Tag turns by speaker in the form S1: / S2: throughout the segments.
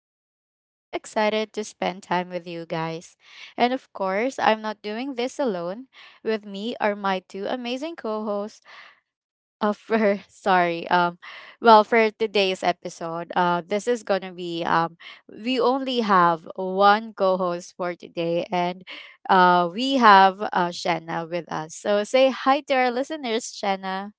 S1: Rochelle, and I'm so excited to spend time with you guys. And of course, I'm not doing this alone. With me are my two amazing co-hosts for sorry, well for today's episode. This is gonna be we only have one co-host for today, and we have Shanna with us. So say hi to our listeners, Shanna.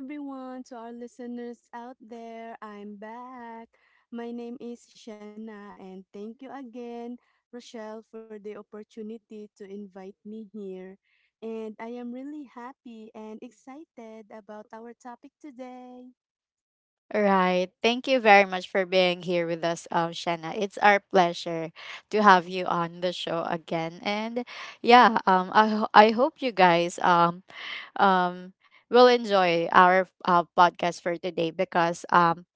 S2: Hi everyone, to our listeners out there, I'm back. My name is Shanna, and thank you again, Rochelle, for the opportunity to invite me here. And I am really happy and excited about our topic today.
S1: Right. Thank you very much for being here with us, Shanna. It's our pleasure to have you on the show again. And yeah, I hope you guys um will enjoy our podcast for today because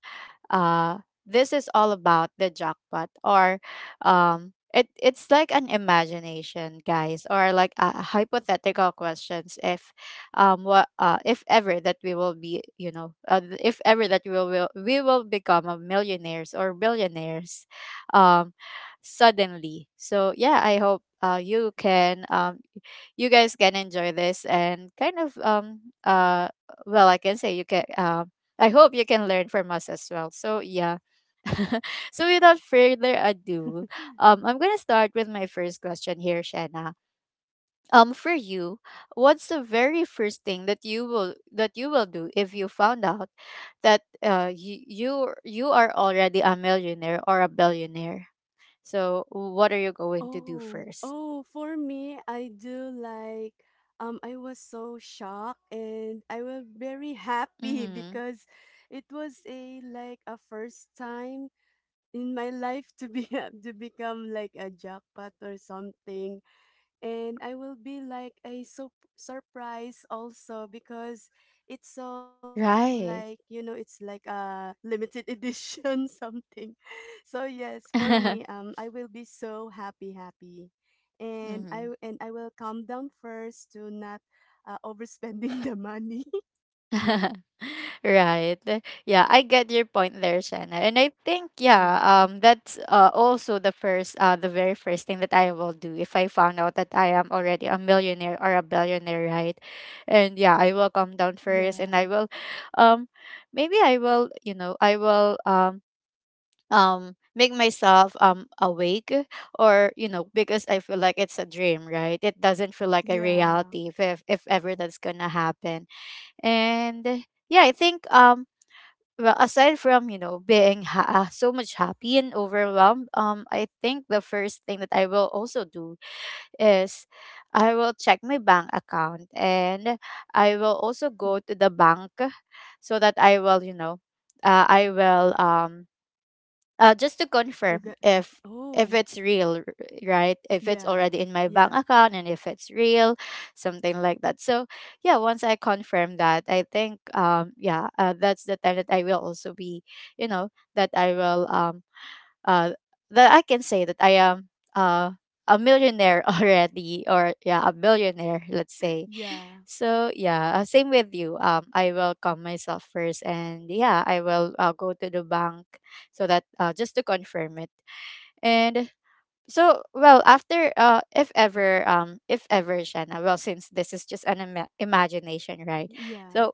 S1: uh, this is all about the jackpot, or it's like an imagination, guys, or like a hypothetical questions if what if ever that we will be, you know, if ever that we will become a millionaires or billionaires um suddenly. So yeah, I hope you can you guys can enjoy this and kind of well I can say you can I hope you can learn from us as well. So yeah. So without further ado, I'm gonna start with my first question here, Shanna. For you, what's the very first thing that you will do if you found out that you are already a millionaire or a billionaire? So what are you going to do
S2: Oh,
S1: first?
S2: oh, for me, I do like I was so shocked and I was very happy
S1: Mm-hmm.
S2: because it was a like a first time in my life to be to become like a jackpot or something and I will be like a so surprise also because it's so like
S1: Right.
S2: it's like a limited edition something. So yes, for me, I will be so happy happy and i w-
S1: Mm-hmm.
S2: and i will calm down first to not overspending the money.
S1: Right. Yeah, I get your point there, Shanna. And I think
S2: Yeah,
S1: yeah, that's also the very first thing that I will do if I found out that I am already a millionaire or a billionaire, right? And yeah, I will come down first,
S2: yeah,
S1: and I will um maybe I will, you know, I will make myself awake, or you know, because I feel like it's a dream, right? It doesn't feel like a
S2: yeah,
S1: reality if ever that's gonna happen. And yeah, I think well, aside from, you know, being so much happy and overwhelmed, I think the first thing that I will also do is I will check my bank account, and I will also go to the bank so that I will, you know, I will just to
S2: you got,
S1: confirm if
S2: oh,
S1: if it's real right if it's
S2: yeah,
S1: already in my
S2: yeah.
S1: bank account and if it's real, something like that. So yeah, once I confirm that, I think yeah, that's the time that I will also be, you know, that I will uh that I can say that I am uh a millionaire already, or yeah, a billionaire, let's say.
S2: Yeah,
S1: So yeah, same with you. I will calm myself first, and yeah, I will go to the bank so that just to confirm it. And so well, after if ever if ever, Shanna, well, since this is just an imagination, right?
S2: yeah,
S1: So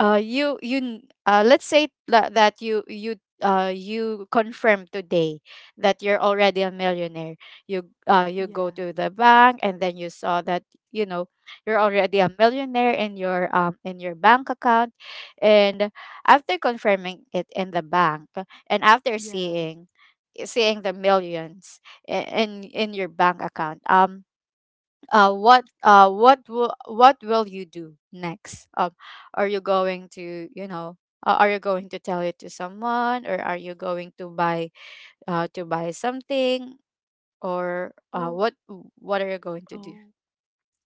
S1: let's say that you confirm today that you're already a millionaire. You you go
S2: yeah,
S1: to the bank, and then you saw that, you know, you're already a millionaire in your bank account. And after confirming it in the bank and after
S2: yeah.
S1: seeing the millions in your bank account, what will you do next? Are you going to, you know, are you going to tell it to someone, or are you going to buy something, or
S2: Oh,
S1: what are you going to do
S2: oh,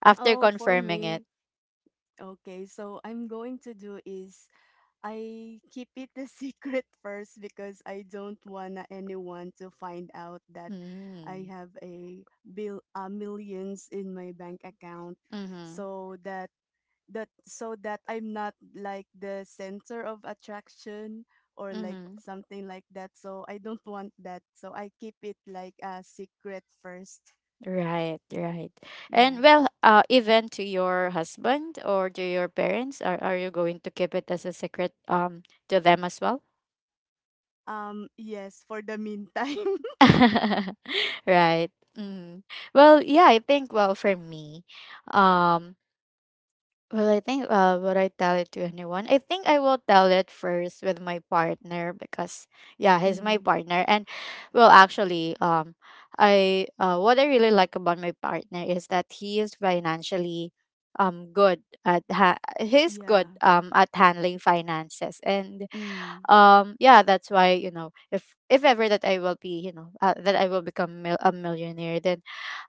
S1: after
S2: oh, for
S1: confirming it?
S2: me. Okay, so I'm going to do is I keep it a secret first because I don't want anyone to find out that I
S1: Mm.
S2: have a bill millions in my bank account.
S1: Mm-hmm.
S2: So that, so that I'm not like the center of attraction or like
S1: Mm-hmm.
S2: something like that. So I don't want that. So I keep it like a secret first.
S1: Right, right.
S2: Yeah.
S1: And well, even to your husband or to your parents, are you going to keep it as a secret to them as well?
S2: Yes, for the meantime.
S1: Right. Mm. Well, yeah, I think well, for me, um, well, I think would I tell it to anyone? I think I will tell it first with my partner, because yeah, he's my
S2: Mm,
S1: partner. And well, actually I what I really like about my partner is that he is financially good at he's
S2: yeah.
S1: good at handling finances. And
S2: Mm,
S1: yeah, that's why, you know, if ever that I will be, you know, that I will become a millionaire, then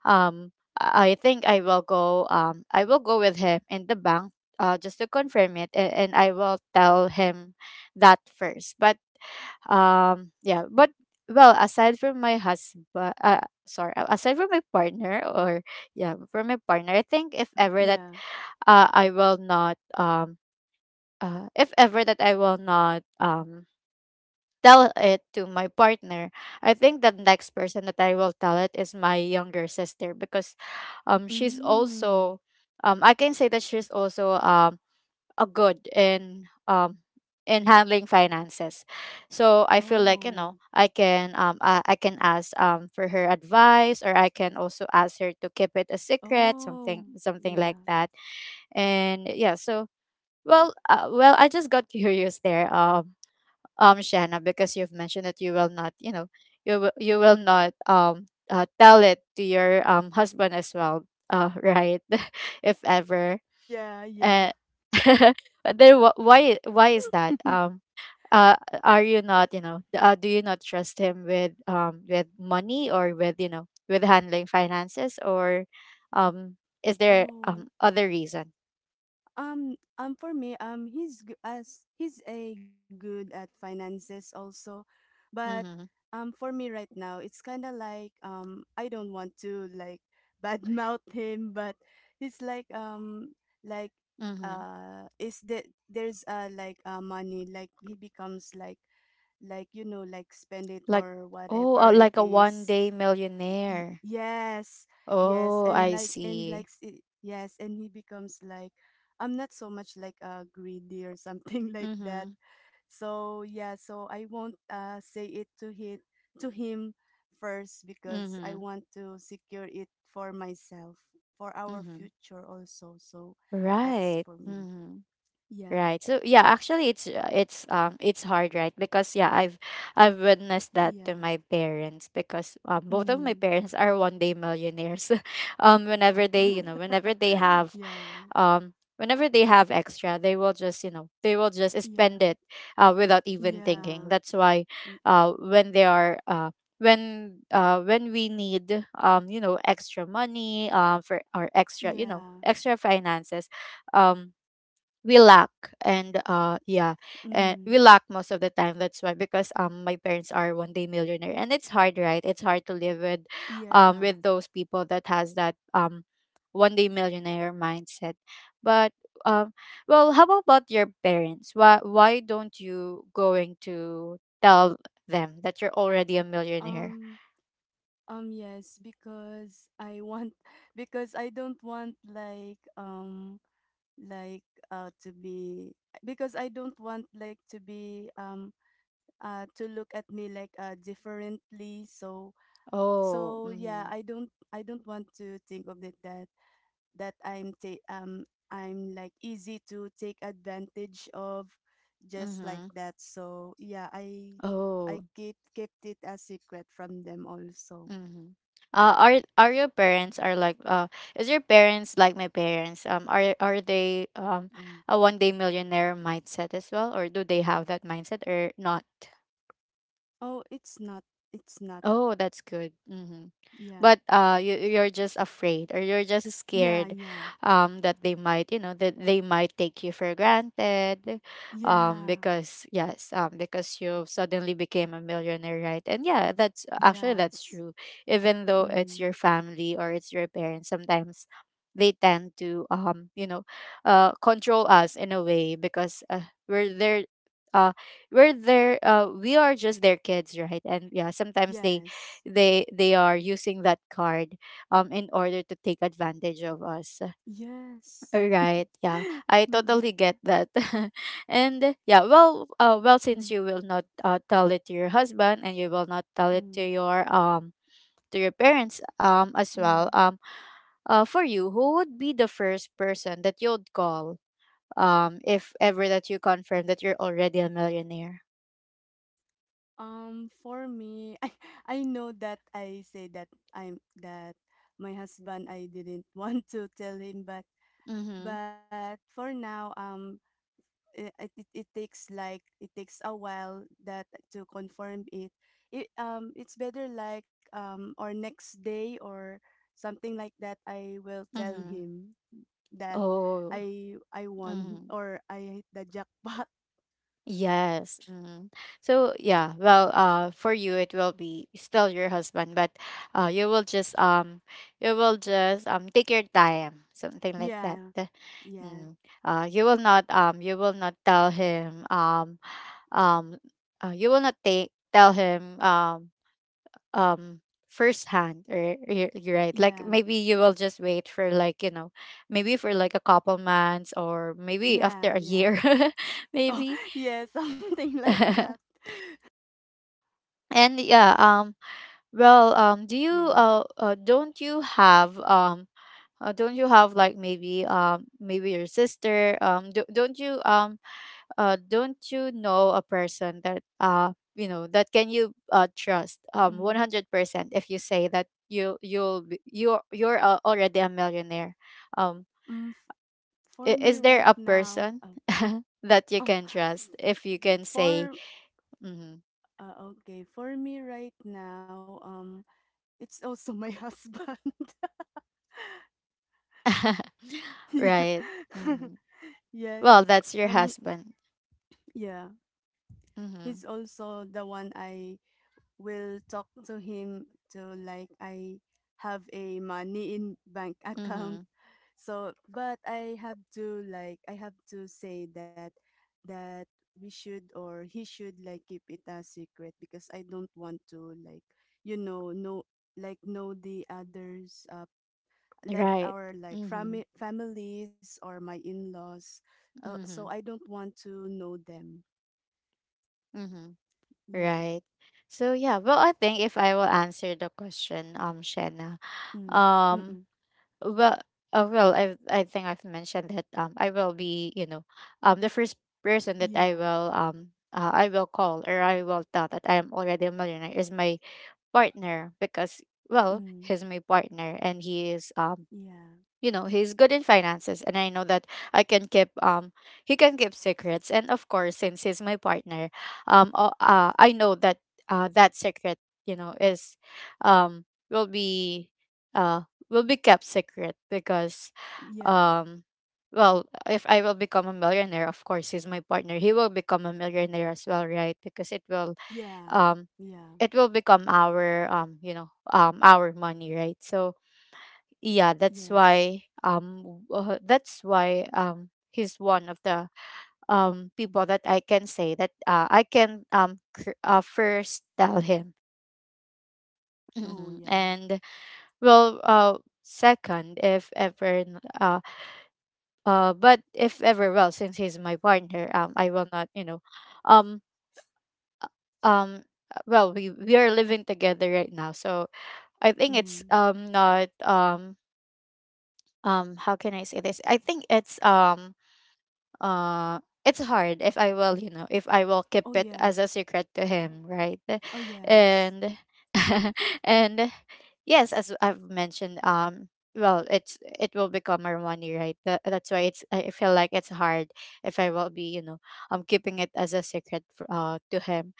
S1: um I think I will go I will go with him in the bank just to confirm it. And I will tell him that first. But yeah, but well, aside from my husband sorry, aside from my partner, or yeah, from my partner, I think if
S2: yeah.
S1: ever that
S2: Yeah.
S1: I will not if ever that I will not tell it to my partner, I think the next person that I will tell it is my younger sister, because she's
S2: Mm.
S1: also I can say that she's also a good in handling finances. So I feel like, you
S2: Oh.
S1: know, I can I can ask for her advice, or I can also ask her to keep it a secret,
S2: Oh.
S1: something
S2: Yeah.
S1: like that. And yeah, so well, well, I just got curious there. Shanna, because you've mentioned that you will not, you know, you will not tell it to your husband as well, right? If ever
S2: Yeah, yeah.
S1: uh, but then why is that? Uh are you not, you know, do you not trust him with money, or with, you know, with handling finances, or um is there
S2: Oh.
S1: other reason?
S2: For me, as he's a good at finances also, but
S1: Mm-hmm.
S2: for me right now, it's kind of like I don't want to like badmouth him, but he's like
S1: Mm-hmm.
S2: is that there's like money, like he becomes like like spend it
S1: Like,
S2: or
S1: oh,
S2: whatever it
S1: like a one
S2: is.
S1: day millionaire.
S2: Yes. Yes,
S1: Oh,
S2: and
S1: I
S2: like,
S1: see.
S2: yes, and he becomes like, I'm not so much like greedy or something like that.
S1: Mhm.
S2: So yeah, so I won't say it to him, to him first because I
S1: Mhm.
S2: want to secure it for myself, for our
S1: Mhm.
S2: future also. So that's
S1: Right.
S2: for me.
S1: Mhm.
S2: Yeah.
S1: Right. So yeah, actually it's hard, right? Because yeah, I've witnessed that to
S2: Yeah.
S1: my parents because both of my
S2: Mm.
S1: parents are one day millionaires. Whenever they, you know,
S2: Yeah.
S1: whenever they have extra, they will just, you know, they will just spend it
S2: Yeah.
S1: without even thinking.
S2: Yeah.
S1: That's why
S2: y-
S1: when they are when we need, you know, extra money, for our extra, you know,
S2: yeah.
S1: extra finances, um we lack, and yeah, and we
S2: Mm.
S1: lack most of the time. That's why because my parents are one day millionaire, and it's hard, right? It's hard to live
S2: Yeah.
S1: with those people that has that one day millionaire mindset. But um well, how about your parents? Why don't you going to tell them that you're already a millionaire?
S2: Um yes, because I want, because I don't want like, like to be, because I don't want like to be, to look at me like differently. So,
S1: Oh.
S2: so yeah,
S1: Mm-hmm.
S2: I don't, I don't want to think of it that, that I'm like easy to take advantage of, just like
S1: Mm-hmm.
S2: that. So yeah, I
S1: Oh.
S2: keep kept it a secret from them also.
S1: Mm-hmm. Are your parents are like is your parents like my parents are they
S2: Right.
S1: a one day millionaire mindset as well, or do they have that mindset or not?
S2: Oh, it's not, it's not.
S1: Oh, that's good. Hmm.
S2: Yeah.
S1: But you you're just afraid, or you're just
S2: Yeah,
S1: scared,
S2: yeah.
S1: that they might, you know, that they might take you for granted,
S2: Yeah.
S1: because yes, because you suddenly became a millionaire, right? And yeah, that's actually that's
S2: Yes.
S1: true. Even though it's
S2: Mm.
S1: your family or it's your parents, sometimes they tend to, you know, control us in a way because we're there. Uh, we are just their kids, right? And yeah, sometimes they
S2: Yes.
S1: they they are using that card in order to take advantage of us,
S2: Yes.
S1: right? Yeah, I
S2: Mm.
S1: totally get that. And yeah, well, well, since you will not tell it to your husband, and you will not tell it
S2: Mm.
S1: to your parents as
S2: Mm.
S1: well, for you, who would be the first person that you'd call if ever that you confirm that you're already a millionaire?
S2: For me, I know that I say that, I'm that, my husband I didn't want to tell him, but
S1: Mm-hmm.
S2: but for now, it takes like, it takes a while that, to confirm it. It, it's better like, or next day or something like that. I will tell
S1: Mm-hmm.
S2: him that
S1: Oh.
S2: I won,
S1: Mhm.
S2: or I hit the jackpot.
S1: Yes. Mhm. So yeah, well, for you, it will be still your husband, but uh, you will just um, you will just take your time, something like that.
S2: Yeah,
S1: Uh.
S2: yeah,
S1: Mm. You will not tell him um, you will not take tell him um firsthand or you're right, like
S2: yeah,
S1: maybe you will just wait for like maybe for like a couple months or maybe after
S2: yeah,
S1: a
S2: yeah.
S1: year
S2: Oh,
S1: maybe.
S2: yeah, something like that.
S1: and yeah well do you
S2: Yeah.
S1: don't you have like maybe maybe your sister don't you know a person that that can you trust
S2: Mm,
S1: 100% if you say that you you'll be- you're already a millionaire? um
S2: mm, f- for
S1: is
S2: me
S1: there a
S2: right now,
S1: person
S2: oh,
S1: that you
S2: um,
S1: can trust, if you can say?
S2: for
S1: Mm.
S2: okay, for me right now, it's also my husband. Yeah.
S1: Right. Hmm.
S2: Yes.
S1: Well, that's your
S2: Um,
S1: husband.
S2: yeah,
S1: Mm-hmm.
S2: he's also the one I will talk to him to, like I have a money in bank
S1: Mm-hmm.
S2: account. So, but I have to like, I have to say that, that we should, or he should like keep it a secret because I don't want to like, know, like know the others, like
S1: Right.
S2: our like,
S1: Mm-hmm.
S2: families or my in-laws, so I
S1: Mm-hmm.
S2: don't want to know them.
S1: Mm-hmm.
S2: Yeah.
S1: Right. So yeah, well, I think if I will answer the question, Shanna,
S2: Mm.
S1: um,
S2: Mm-mm.
S1: well, I think I've mentioned that I will be, the first person that
S2: Yeah.
S1: I will call, or I will tell that I am already a millionaire, is my partner, because, well,
S2: Mm.
S1: he's my partner, and he is
S2: Yeah.
S1: you know, he's good in finances, and I know that I can keep he can keep secrets, and of course since he's my partner, I know that that secret, is um will be uh will be kept secret. Because
S2: Yeah,
S1: um well if I will become a millionaire, of course, he's my partner, he will become a millionaire as well, right? Because it will,
S2: yeah,
S1: um
S2: yeah,
S1: it will become our, our money, right? So yeah,
S2: yes.
S1: that's why he's one of the people that I can say that I can first tell him.
S2: Oh,
S1: Mhm.
S2: yeah.
S1: And, well, second, if ever n- but if ever, well, since he's my partner, I will not, you know, um um well, we are living together right now, so I think it's
S2: Mm.
S1: not, how can I say this? I think uh it's hard if I will, you know, if I will keep
S2: Oh,
S1: it as
S2: yeah.
S1: a secret to him, right?
S2: Oh, yes.
S1: And and yes, as I've mentioned, well, it will become our money, right? That, that's why it's, I feel like it's hard if I will be, you know, I'm keeping it as a secret to him.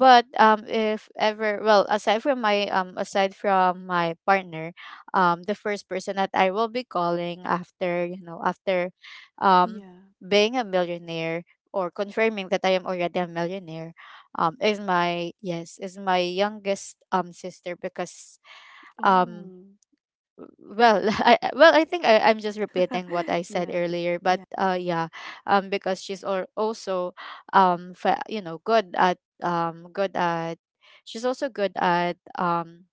S1: But if ever, well, aside from my, aside from my partner, the first person that I will be calling after, you know, after um
S2: Yeah.
S1: being a millionaire, or confirming that I am already a millionaire, is my, yes, is my youngest sister. Because um
S2: Oh.
S1: well, well, I think I, I'm just repeating what I said
S2: Yeah.
S1: earlier, but
S2: Yeah.
S1: yeah. Because she's also you know, good at good at, she's also good at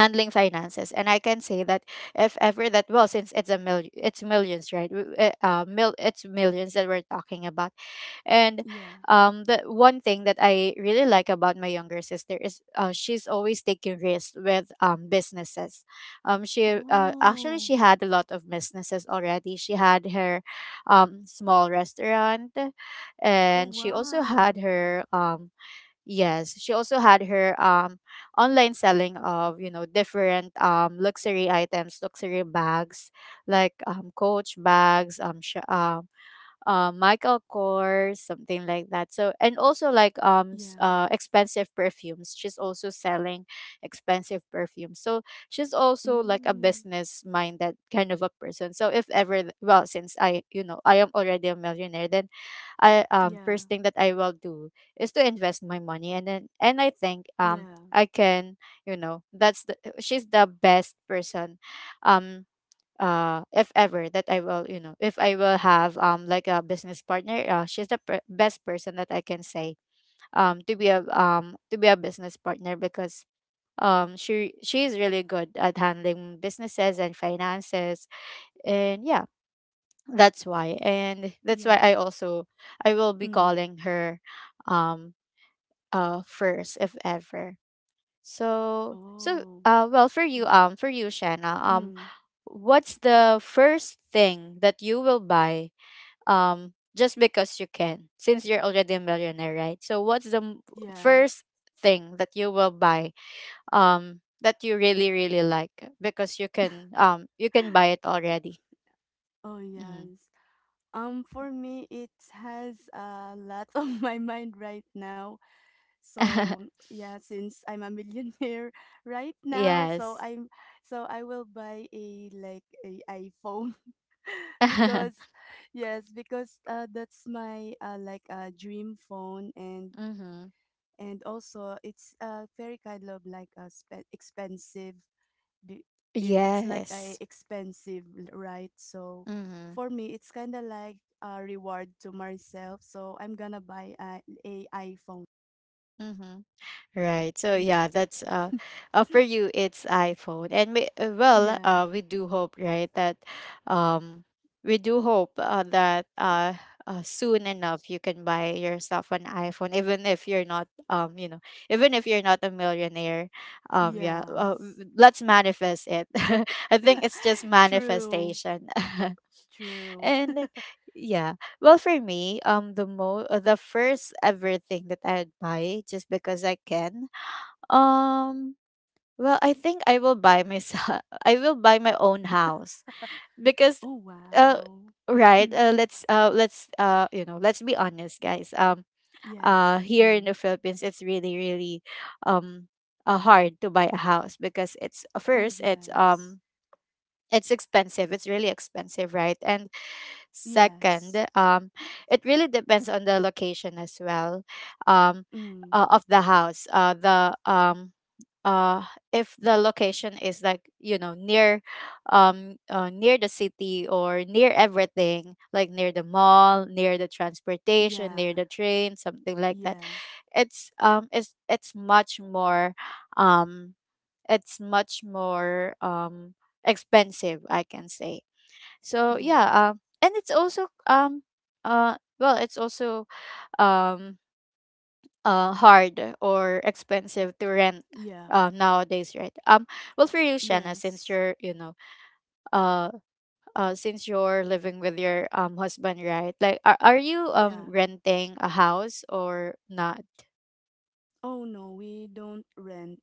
S1: handling finances. And I can say that if ever that, well, since it's millions, right? W- mil It's millions that we're talking about. And
S2: Yeah.
S1: the one thing that I really like about my younger sister is she's always taking risks with businesses. She actually,
S2: Oh.
S1: she had a lot of businesses already. She had her small restaurant,
S2: Oh,
S1: and she also
S2: wow.
S1: had her yes, she also had her online selling of, you know, different luxury items, luxury bags, like Coach bags, Michael Kors, something like that. So, and also like
S2: Yeah.
S1: expensive perfumes. She's also selling expensive perfumes. So she's also like a
S2: Mm.
S1: business minded kind of a person. So if ever well, since I, you know, I am already a millionaire, then I,
S2: Yeah.
S1: first thing that I will do is to invest my money. And then, and I think
S2: Yeah.
S1: I can, you know, that's the, she's the best person um if ever that I will, you know, if I will have like a business partner, she's the best person that I can say to be a business partner, because she is really good at handling businesses and finances. And yeah, that's why, and that's why I
S2: Yeah.
S1: also, I will be
S2: Mm.
S1: calling her um first if ever. So
S2: Oh,
S1: well, for you,
S2: yeah.
S1: for you, Shanna,
S2: Mm,
S1: what's the first thing that you will buy just because you can, since you're already a millionaire, right? So what's the
S2: yeah.
S1: first thing that you will buy that you really, really like, because you can, you can buy it already?
S2: Oh,
S1: Mhm.
S2: yes. For me, it has a lot on my mind right now. So yeah, since I'm a millionaire right now, so
S1: Yes.
S2: I'm, so I will buy a like a iPhone because yes, because that's my like a dream phone. and
S1: Mhm.
S2: and also it's very kind of like a expensive, be- it's like a
S1: Yes.
S2: expensive, right? So
S1: Mhm.
S2: for me, it's kind of like a reward to myself, so I'm gonna buy a iPhone.
S1: Mhm. Right. So
S2: Yeah.
S1: yeah, that's for you, it's iPhone. And we,
S2: Yeah.
S1: we do hope, right, that um we do hope that soon enough, you can buy yourself an iPhone, even if you're not, even if you're not a millionaire. Yeah,
S2: Yes.
S1: let's manifest it. I think it's just
S2: True.
S1: manifestation.
S2: True.
S1: And yeah, well, for me, the first ever thing that I'd buy just because I can, um, well, I think I will buy myself. I will buy my own house, because,
S2: Oh,
S1: uh,
S2: wow.
S1: right.
S2: Hmm.
S1: Let's you know, let's be honest, guys.
S2: Yes.
S1: Here in the
S2: Mm.
S1: Philippines, it's really, really um, hard to buy a house, because it's,
S2: Oh,
S1: first,
S2: yes.
S1: it's expensive. It's really expensive, right? And second,
S2: Yes.
S1: it really depends on the location as well. Um,
S2: Mm.
S1: of the house. The uh if the location is like, you know, near near the city, or near everything, like near the mall, near the transportation, near
S2: Yeah.
S1: the train, something like that,
S2: Yeah.
S1: it's um it's much more expensive, I can say. So
S2: Yeah.
S1: yeah, and it's also well, it's also um hard or expensive to rent
S2: Yeah.
S1: nowadays, right? Well, for you, Shanna, since
S2: Yes.
S1: you're, you know, uh, since you're living with your husband, right? Like, are you
S2: Yeah.
S1: renting a house or not?
S2: Oh, no, we don't rent,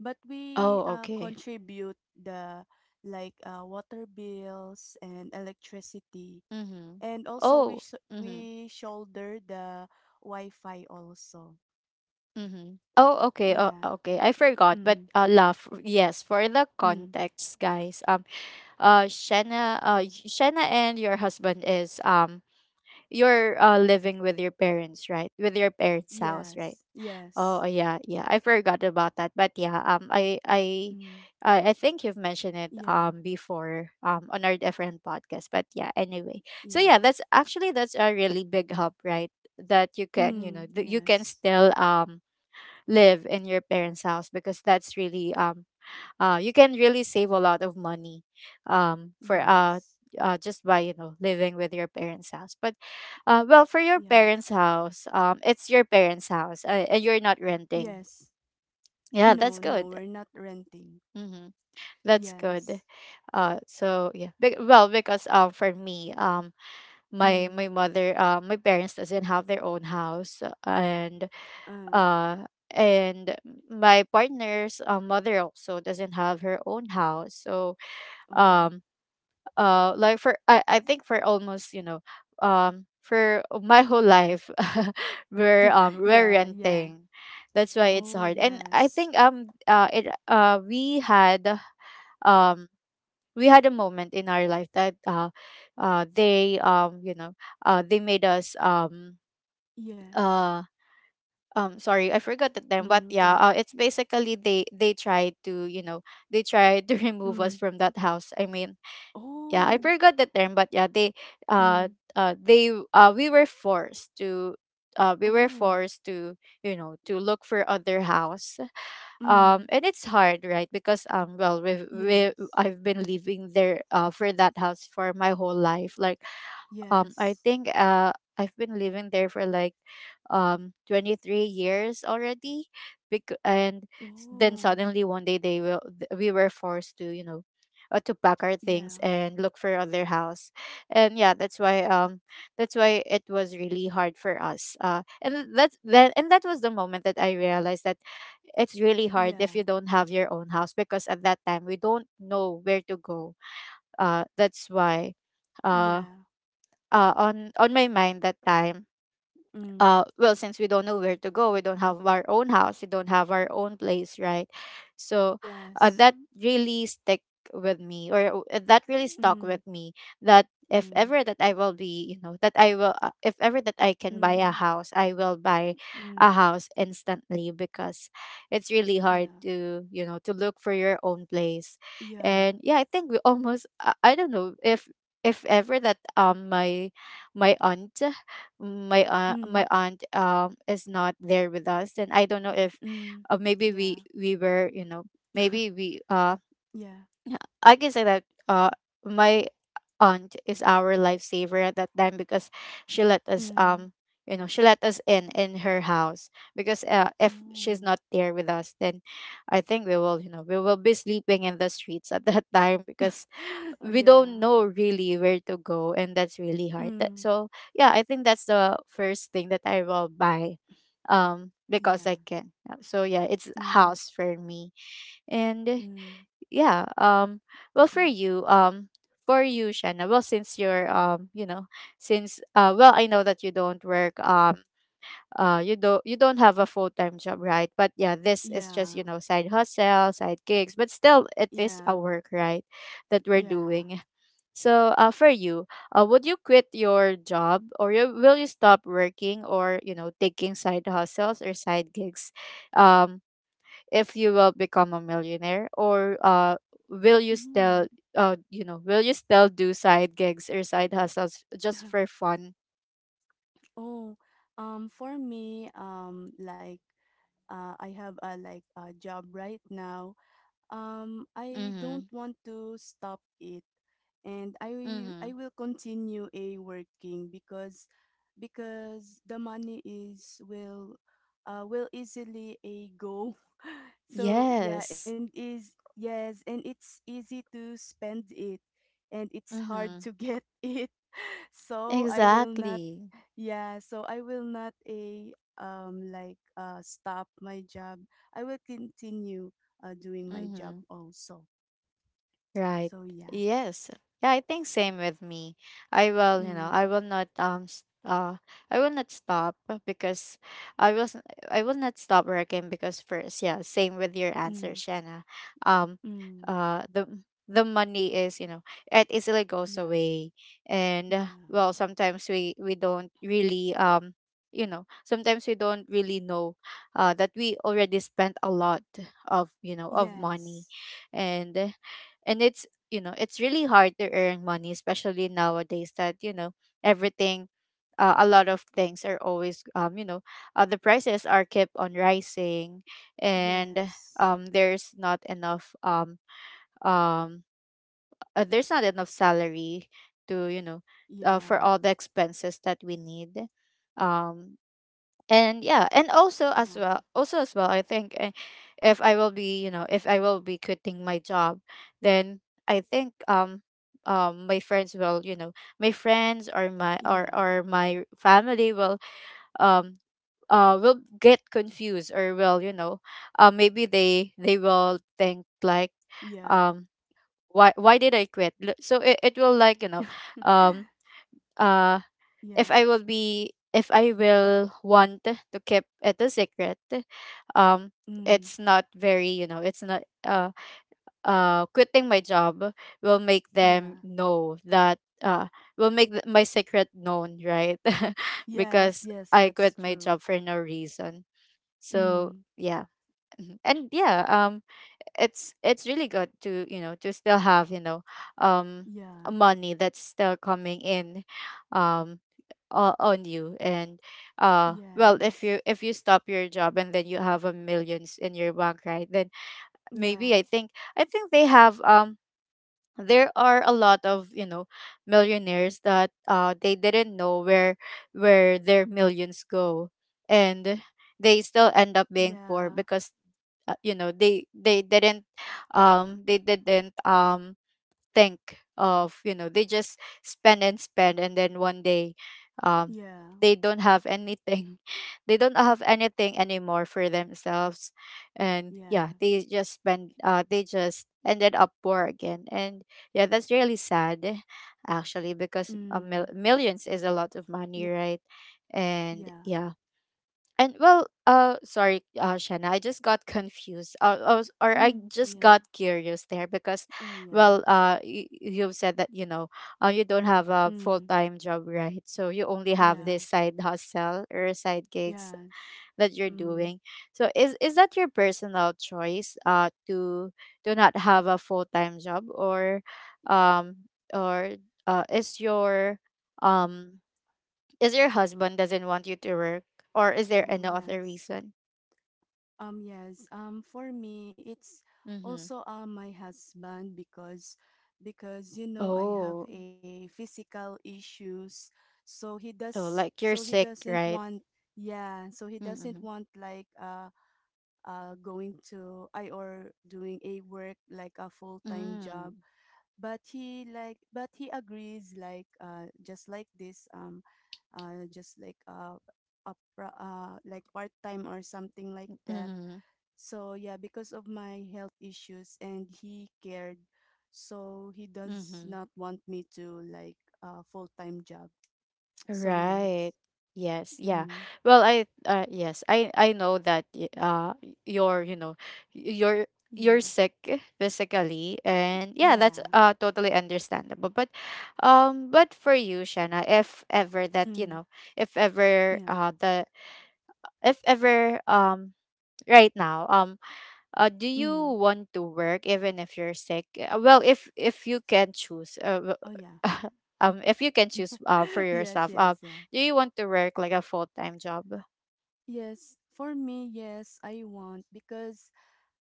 S2: but we
S1: Oh, okay.
S2: contribute the, like water bills and electricity.
S1: Mm-hmm.
S2: And also we
S1: Oh,
S2: sh-
S1: mm-hmm.
S2: we shoulder the Wi-Fi also.
S1: Mm-hmm. Oh, okay. Oh,
S2: Yeah.
S1: okay. I forgot,
S2: Mm.
S1: but love. Yes, for the
S2: Mm.
S1: context, guys. Shanna, Shanna and your husband is, you're living with your parents, right? With your parents' house, right?
S2: Yes.
S1: Oh
S2: Yes.
S1: yeah, yeah. I forgot about that. But yeah,
S2: Mm.
S1: I think you've mentioned it
S2: Yeah.
S1: before on our different podcast. But yeah, anyway. So yeah,
S2: Yeah.
S1: that's actually, that's a really big help, right? That you can, you know,
S2: Mm.
S1: that you can
S2: Yes.
S1: still live in your parents' house, because that's really you can really save a lot of money, for
S2: Yes.
S1: just by, you know, living with your parents' house. But well, for your
S2: Yeah.
S1: parents' house, it's your parents' house, and you're not renting.
S2: Yes.
S1: Yeah, that's
S2: No, no,
S1: good.
S2: we're not renting.
S1: Mm-hmm. That's good.
S2: Yes.
S1: So yeah, because for me, my my
S2: Mm.
S1: mother, my parents doesn't have their own house. And
S2: Uh.
S1: uh, and my partner's mother also doesn't have her own house. So
S2: Oh.
S1: um like for I think for almost, you know, for my whole life, we're
S2: Yeah, yeah.
S1: renting. That's why it's
S2: Oh,
S1: hard. And I
S2: yes.
S1: think it um we had a moment in our life that they you know, they made us
S2: Yes.
S1: uh sorry, I forgot the term, but
S2: Mm,
S1: yeah,
S2: they.
S1: it's basically, they tried to, you know, they tried to remove us
S2: Mm.
S1: from that house, I mean, yeah, I
S2: Oh.
S1: forgot the term, but yeah, uh,
S2: Mm.
S1: they we were forced to, we were
S2: Oh.
S1: forced to, you know, to look for other house.
S2: Mm.
S1: And it's hard, right? Because well, we
S2: Yes.
S1: I've been living there for that house for my whole life. Like I
S2: Yes.
S1: think I've been living there for like 23 years already. And then,
S2: Oh.
S1: suddenly, one day, they will, we were forced to, you know, to pack our things
S2: Yeah.
S1: and look for other house. And yeah, that's why it was really hard for us. And that was the moment that I realized that it's really hard if you
S2: Yeah.
S1: don't have your own house, because at that time, we don't know where to go. That's why uh,
S2: Yeah.
S1: on my mind that time,
S2: Mm.
S1: well, since we don't know where to go, we don't have our own house, we don't have our own place, right? So
S2: Yes.
S1: that really stick with me, or that really stuck with
S2: Mm.
S1: me. That if
S2: Mm,
S1: ever that I will be, you know, that I will, if ever that I can
S2: mm,
S1: buy a
S2: mm,
S1: house, I will buy a
S2: mm.
S1: house instantly, because it's really hard
S2: Yeah.
S1: to, you know, to look for your own place.
S2: Yeah.
S1: And yeah, I think we almost, I don't know if ever that my my aunt, my
S2: Mm,
S1: aunt is not there with us, and I don't know if,
S2: mm.
S1: maybe
S2: Yeah.
S1: we were, you know, maybe we
S2: Yeah.
S1: I can say that my aunt is our lifesaver at that time, because she let us,
S2: Mm.
S1: you know, she let us in her house. Because If
S2: Oh.
S1: she's not there with us, then I think we will we will be sleeping in the streets at that time because we
S2: Yeah.
S1: don't know really where to go, and that's really hard.
S2: Mm.
S1: So yeah, I think that's the first thing that I will buy, because I
S2: Yeah.
S1: can. Yeah, so yeah, it's
S2: Mm.
S1: house for me. And
S2: Mm.
S1: yeah, well, for you, for you, Shanna, well, since you're since well, I know that you don't work, you don't, you don't have a full-time job, right? But yeah, this is just,
S2: Yeah.
S1: you know, side hustle, side gigs, but still it
S2: Yeah.
S1: is
S2: Yeah.
S1: a work, right, that we're
S2: Yeah.
S1: doing. So, for you, would you quit your job, or will you stop working or, you know, taking side hustles or side gigs, um, if you will become a millionaire? Or will you
S2: Mm.
S1: still, you know, will you still do side gigs or side hustles just for fun?
S2: Oh, for me, like, I have a like a job right now. I
S1: Mm-hmm.
S2: don't want to stop it, and I will-
S1: Mm-hmm.
S2: I will continue a working because the money is will, will easily a go. So yeah,
S1: Yes.
S2: and is yes, and it's easy to spend it, and it's
S1: Mm-hmm.
S2: hard to get it. So I will not,
S1: Exactly.
S2: yeah. So I will not a stop my job. I will continue doing my job
S1: Mm-hmm.
S2: also.
S1: Right.
S2: So yeah.
S1: Yes. Yeah, I think same with me. I will, you know,
S2: Mm,
S1: I will not I will not stop because I was I will not stop working because first, yeah, same with your answer,
S2: mm,
S1: Shanna. Um
S2: mm.
S1: the money is, you know, it easily goes
S2: Yeah,
S1: away. And
S2: yeah,
S1: well, sometimes we don't really you know, sometimes we don't really know that we already spent a lot of, you know, of money.
S2: yes,
S1: And it's, you know, it's really hard to earn money, especially nowadays that, you know, everything a lot of things are always you know, the prices are kept on rising. And
S2: yes,
S1: um there's not enough um um there's not enough salary to, you know, for
S2: yeah,
S1: all the expenses that we need. um and yeah, and also as
S2: yeah,
S1: well, also as well, I think, if I will be, you know, if I will be quitting my job, then I think my friends will, you know, my friends
S2: yeah,
S1: or my family um will get confused or will, you know, maybe they will think like,
S2: yeah,
S1: um why did I quit? So it will like, you know, um uh if I
S2: yeah,
S1: will be if I will want to keep it a secret, um,
S2: mm,
S1: it's not very, you know, it's not quitting my job will make them
S2: yeah,
S1: know that will make my secret known, right?
S2: yes,
S1: Because
S2: yes,
S1: I quit
S2: that's
S1: my job
S2: true.
S1: for no reason. So
S2: Mm,
S1: yeah. Mhm. And yeah, it's really good to, you know, to still have, you know, um
S2: yeah,
S1: money that's still coming in, um on you. And well, if you,
S2: yes,
S1: if you stop your job, and then you have a millions in your bank, right? Then maybe
S2: yeah,
S1: I think, I think they have there are a lot of, you know, millionaires that they didn't know where their millions go, and they still end up being poor
S2: yeah,
S1: because, you know, they didn't they didn't think of, you know, they just spend and spend, and then one day, um
S2: yeah,
S1: they don't have anything. They don't have anything anymore for themselves. And yeah,
S2: yeah,
S1: they just spend, they just ended up poor again. And yeah, that's really sad actually, because a
S2: mm,
S1: millions is a lot of money,
S2: yeah,
S1: right? And
S2: yeah,
S1: yeah. And well, sorry, Shanna, I just got confused. I was, or I
S2: mm,
S1: just
S2: yeah,
S1: got curious there because,
S2: oh yeah,
S1: well, you've said that, you know, you don't have a full
S2: mm,
S1: time job, right? So you only have
S2: yeah,
S1: this side hustle or side gigs
S2: yes,
S1: that you're
S2: mm,
S1: doing. So is that your personal choice, to do not have a full time job, or, um, or uh, is your um is your husband doesn't want you to work, or is there
S2: oh
S1: another
S2: yes.
S1: reason?
S2: Yes. For me, it's
S1: Mm-hmm.
S2: also my husband because you know I have
S1: Oh.
S2: a physical issues, so he
S1: Oh,
S2: does,
S1: like
S2: so
S1: you're
S2: he
S1: sick,
S2: doesn't
S1: right?
S2: want, yeah, so he doesn't
S1: Mm-hmm.
S2: want like going to I, or doing a work like a full time
S1: Mm-hmm.
S2: job, but he like, but he agrees like just like this, just like like part time or something like that.
S1: Mm-hmm.
S2: So yeah, because of my health issues and he cared, so he does
S1: Mm-hmm.
S2: not want me to like a full-time job. So
S1: Right.
S2: yes.
S1: Yes. Yeah.
S2: Mm,
S1: Well, I yes, I know that you're, you know, y- you're you're
S2: yeah.
S1: sick physically. And yeah, that's
S2: Yeah.
S1: totally understandable. But for you, Shanna, if ever that, you
S2: Mm,
S1: know, if ever
S2: yeah.
S1: the if ever right now, do
S2: Mm.
S1: you want to work even if you're sick? Well, if you can choose,
S2: Oh yeah.
S1: if you can choose, for
S2: Yes,
S1: yourself,
S2: yes, yeah.
S1: do you want to work like a full-time job?
S2: Yes, for me, yes, I want,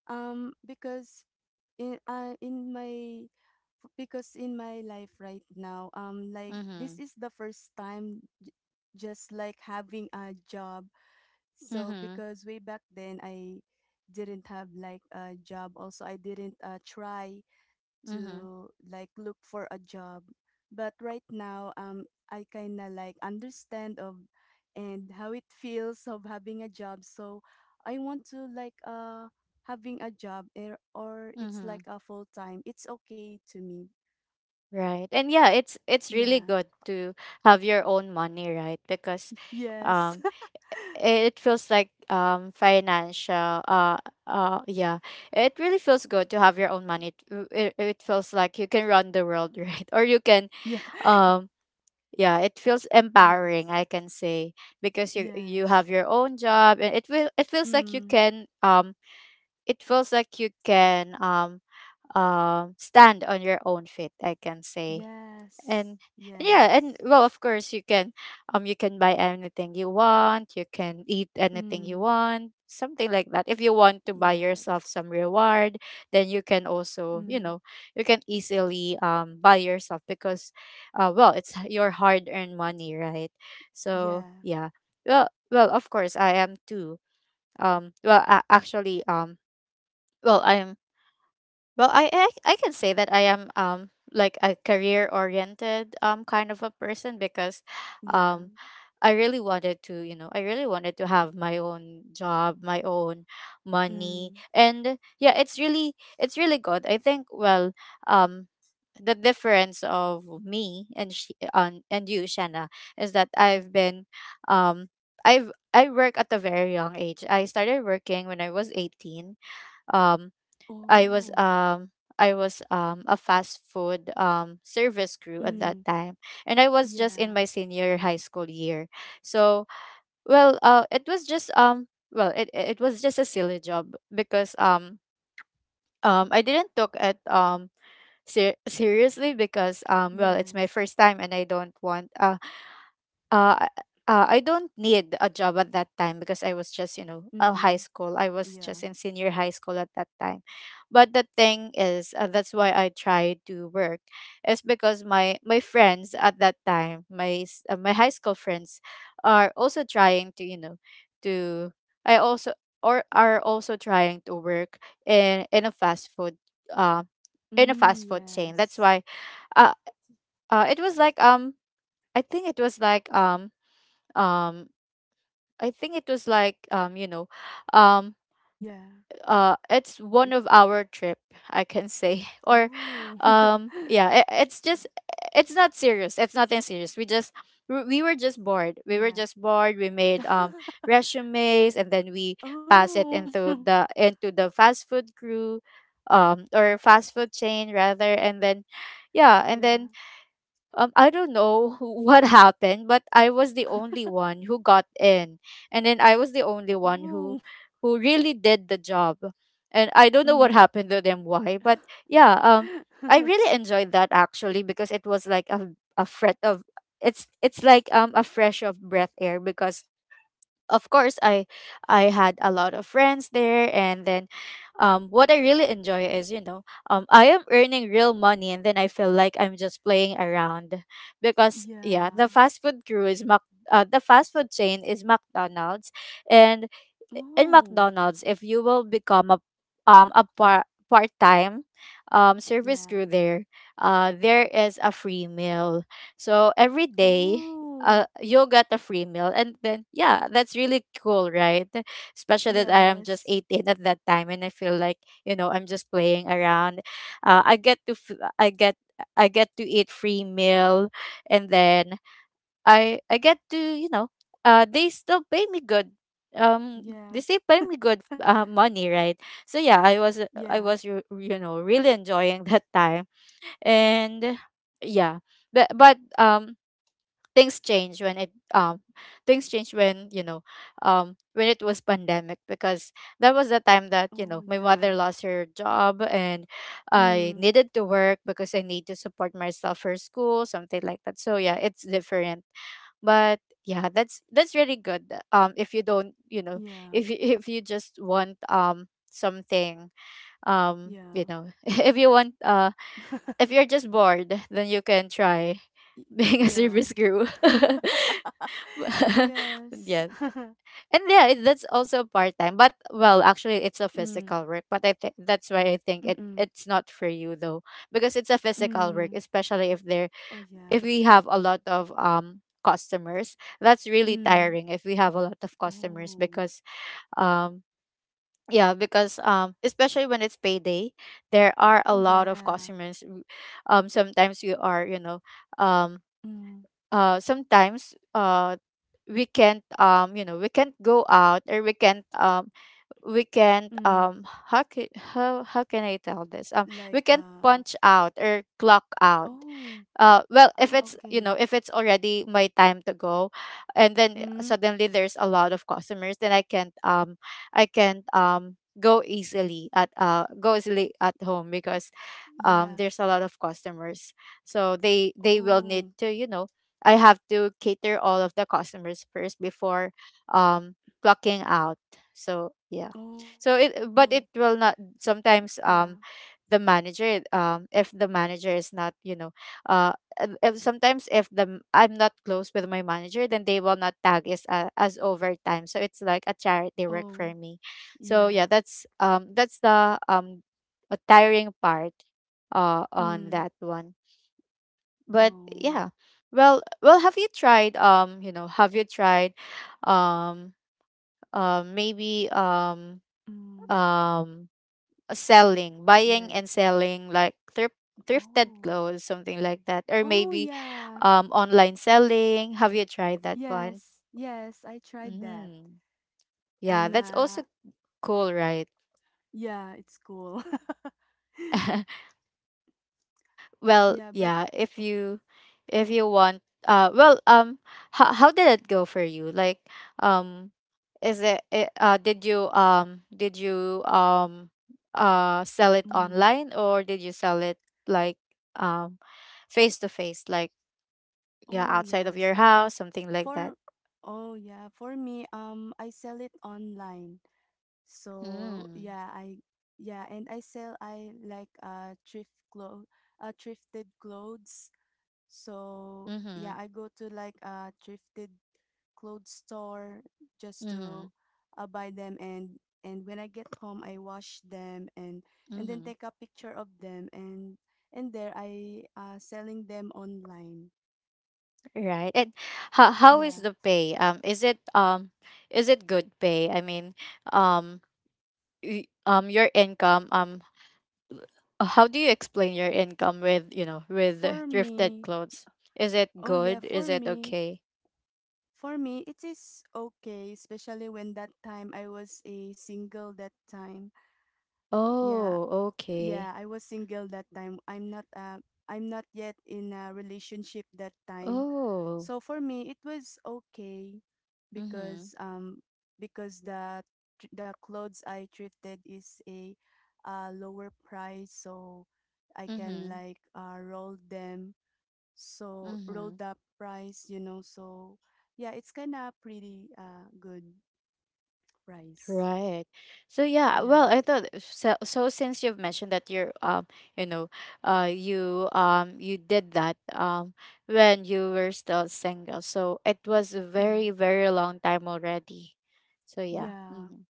S2: because in my because in my life right now, like this
S1: Mm-hmm.
S2: is the first time, just like having a job. So
S1: Mm-hmm.
S2: because way back then I didn't have like a job also, I didn't try
S1: Mm-hmm.
S2: to like look for a job, but right now, I kind of like understand of, and how it feels of having a job. So I want to like having a job, or it's like
S1: Mm-hmm.
S2: a full time, it's okay to me.
S1: Right. And yeah, it's really
S2: Yeah.
S1: good to have your own money, right? Because
S2: Yes.
S1: um. it feels like financial yeah, it really feels good to have your own money. It feels like you can run the world right, or you can,
S2: Yeah.
S1: um yeah, it feels empowering,
S2: Yes.
S1: I can say, because you have
S2: Yes.
S1: your own job, and it feels like you
S2: Mm.
S1: can it feels like you can stand on your own feet, I can say.
S2: Yes.
S1: And yeah, and
S2: Yes.
S1: well, of course, you can, you can buy anything you want, you can eat anything you
S2: Mm.
S1: want, something like that. If you want to buy
S2: Yes.
S1: yourself some reward, then you can
S2: Mm.
S1: also, you know, you can easily buy yourself, because well, it's your hard earned money, right? So
S2: Yeah.
S1: yeah, well, well, of course, I am too. Well, a- actually well, I am well, I can say that I am like a career oriented kind of a person, because
S2: Yeah.
S1: um I really wanted to, you know, I really wanted to have my own job, my own money.
S2: Mm.
S1: And yeah, it's really, it's really good. I think, well, um the difference of me and she, and you, Shanna, is that I've been um I work at a very young age. I started working when I was 18. Um I was
S2: Oh.
S1: um I was a fast food service crew at that
S2: Mm,
S1: time, and I was just in
S2: yeah.
S1: my senior high school year. So, well, it was just well, it was just a silly job, because I didn't took it seriously, because well, it's my
S2: Yes.
S1: first time, and I don't want, uh, I don't need a job at that time, because I was just, you know, a
S2: Mm,
S1: high school. I was
S2: yeah.
S1: just in senior high school at that time. But the thing is, that's why I tried to work, is because my friends at that time, my high school friends, are also trying to, you know, to I also or are also trying to work in a fast food, uh, in a
S2: Mm,
S1: fast food chain. That's
S2: yes.
S1: why, uh, it was like, I think it was like, um you know, um
S2: Yeah.
S1: it's
S2: It,
S1: one of our trip, I can say, or
S2: oh.
S1: yeah, it's just, it's not serious, it's nothing serious. We just, we were just bored, we were
S2: Yeah.
S1: just bored. We made resumes, and then we pass it
S2: Oh.
S1: into the fast food crew, or fast food chain rather. And then yeah, and
S2: Yeah.
S1: then, I don't know what happened, but I was the only one who got in, and then I was the only one
S2: Oh.
S1: who really did the job. And I don't know what
S2: Mm.
S1: happened to them why, but yeah, I really enjoyed that actually, because it was like a fret of it's like a fresh of breath air, because of course, I had a lot of friends there. And then what I really enjoy is, you know, I am earning real money, and then I feel like I'm just playing around. Because yeah, the
S2: Yeah.
S1: fast food crew is the fast food chain is McDonald's. And in
S2: Oh.
S1: McDonald's, if you will become a part-time service crew
S2: Yeah.
S1: there, there is a free meal. So every day,
S2: Oh.
S1: you got a free meal. And then yeah, that's really cool, right? Especially that I am just
S2: Yes.
S1: 18 at that time, and I feel like, you know, I'm just playing around. Uh, I get to, f- I get, I get to eat free meal, and then I get to, you know, they still pay me good. They
S2: Yeah.
S1: still pay me good, money, right? So yeah,
S2: Yeah.
S1: I was, you know, really enjoying that time. And yeah, but, but, um, things change when it things change when you know when it was pandemic, because that was the time that, you
S2: Oh,
S1: know, my
S2: yeah.
S1: mother lost her job and I
S2: Mm.
S1: needed to work because I need to support myself for school, something like that. So yeah, it's different. But yeah, that's really good, if you don't, you know,
S2: Yeah.
S1: if you just want something, you
S2: Yeah.
S1: know, if you're just bored, then you can try
S2: Y-
S1: being a
S2: yeah.
S1: service crew.
S2: Yes.
S1: Yeah, and yeah, that's also part-time, but well, actually, it's a
S2: Ừm,
S1: physical work, but I think that's why I think
S2: ừm, ừm,
S1: it's not for you though, because it's a physical work,
S2: ừm.
S1: especially
S2: Oh,
S1: if
S2: yeah.
S1: we have a lot of customers. That's really
S2: Ừm.
S1: tiring if we have a lot of customers,
S2: Oh.
S1: because um yeah, because especially when it's payday, there are a
S2: Oh,
S1: lot of
S2: yeah.
S1: customers. Sometimes you are, you know, um
S2: Ừm,
S1: sometimes, we can't, you know, we can't go out, or we can't,
S2: ừm.
S1: how can I tell this, we
S2: Like,
S1: can't
S2: uh,
S1: punch out or clock out.
S2: oh,
S1: Well, if
S2: ah,
S1: it's, you know,
S2: okay.
S1: if it's already my time to go, and then,
S2: Ừm.
S1: suddenly there's a lot of customers, then I can't I can't go easily at home, because
S2: Yeah.
S1: there's a lot of customers, so they will
S2: Oh,
S1: need to, you know, I have to cater all of the customers first before, um clocking out. So yeah,
S2: oh,
S1: so it but it
S2: s,
S1: will not
S2: yeah.
S1: sometimes, the manager, if the manager is not, you know, uh and if sometimes, if the m- I'm not close with my manager, then they will not tag us, as overtime, so it's like a charity work for
S2: Oh.
S1: me. So yeah,
S2: Yeah.
S1: that's that's the a tiring part on that
S2: Ừm.
S1: one. But
S2: Oh,
S1: yeah, well, have you tried, you know, have you tried, um maybe
S2: mm,
S1: um selling, buying and
S2: like,
S1: selling, like thrifted
S2: oh.
S1: clothes, something like that, or
S2: Oh,
S1: maybe
S2: yeah.
S1: online selling. Have you tried that one?
S2: Yes, yes, I tried that.
S1: Mm. Yeah,
S2: And,
S1: that's also
S2: uh,
S1: cool, right?
S2: yeah, it's cool.
S1: Well,
S2: Yeah, but
S1: yeah, if you, if you want well how did it go for you? Like, um is did you, did you, sell it
S2: mm.
S1: online, or did you sell it like, um face to face, like, yeah,
S2: Oh
S1: outside of
S2: yes.
S1: your house, something like
S2: For
S1: that.
S2: oh yeah, for me, I sell it online. So
S1: Mm.
S2: yeah, I, yeah, and I sell, I like thrift clothes, thrifted clothes. So yeah,
S1: Mhm.
S2: I go to like a thrifted clothes store just to
S1: Mhm.
S2: buy them, and when I get home I wash them, and then
S1: Mhm.
S2: take a picture of them, and there I selling them online.
S1: Right. And how is
S2: Yeah.
S1: the pay, is it, is it good pay, I mean, um your income, how do you explain your income with, you know, with the
S2: For
S1: thrifted
S2: me,
S1: clothes, is it
S2: oh yeah,
S1: good, is it okay?
S2: for me, it is okay, especially when that time I was a single that time. Yeah,
S1: Oh, okay.
S2: yeah, I was single that time. I'm not yet in a relationship that time.
S1: Oh.
S2: So for me, it was okay
S1: Mhm.
S2: because um because the, the clothes I thrifted is a lower price, so I can
S1: Mhm.
S2: like roll them, so
S1: Mhm.
S2: rolled up rice, you know. So yeah, it's kind of pretty good rice.
S1: Right. So yeah,
S2: Yeah,
S1: well, I thought so. So since you've mentioned that you're, you know, you did that when you were still single, so it was a very
S2: yeah,
S1: very long time already. So yeah.
S2: yeah,
S1: Hmm.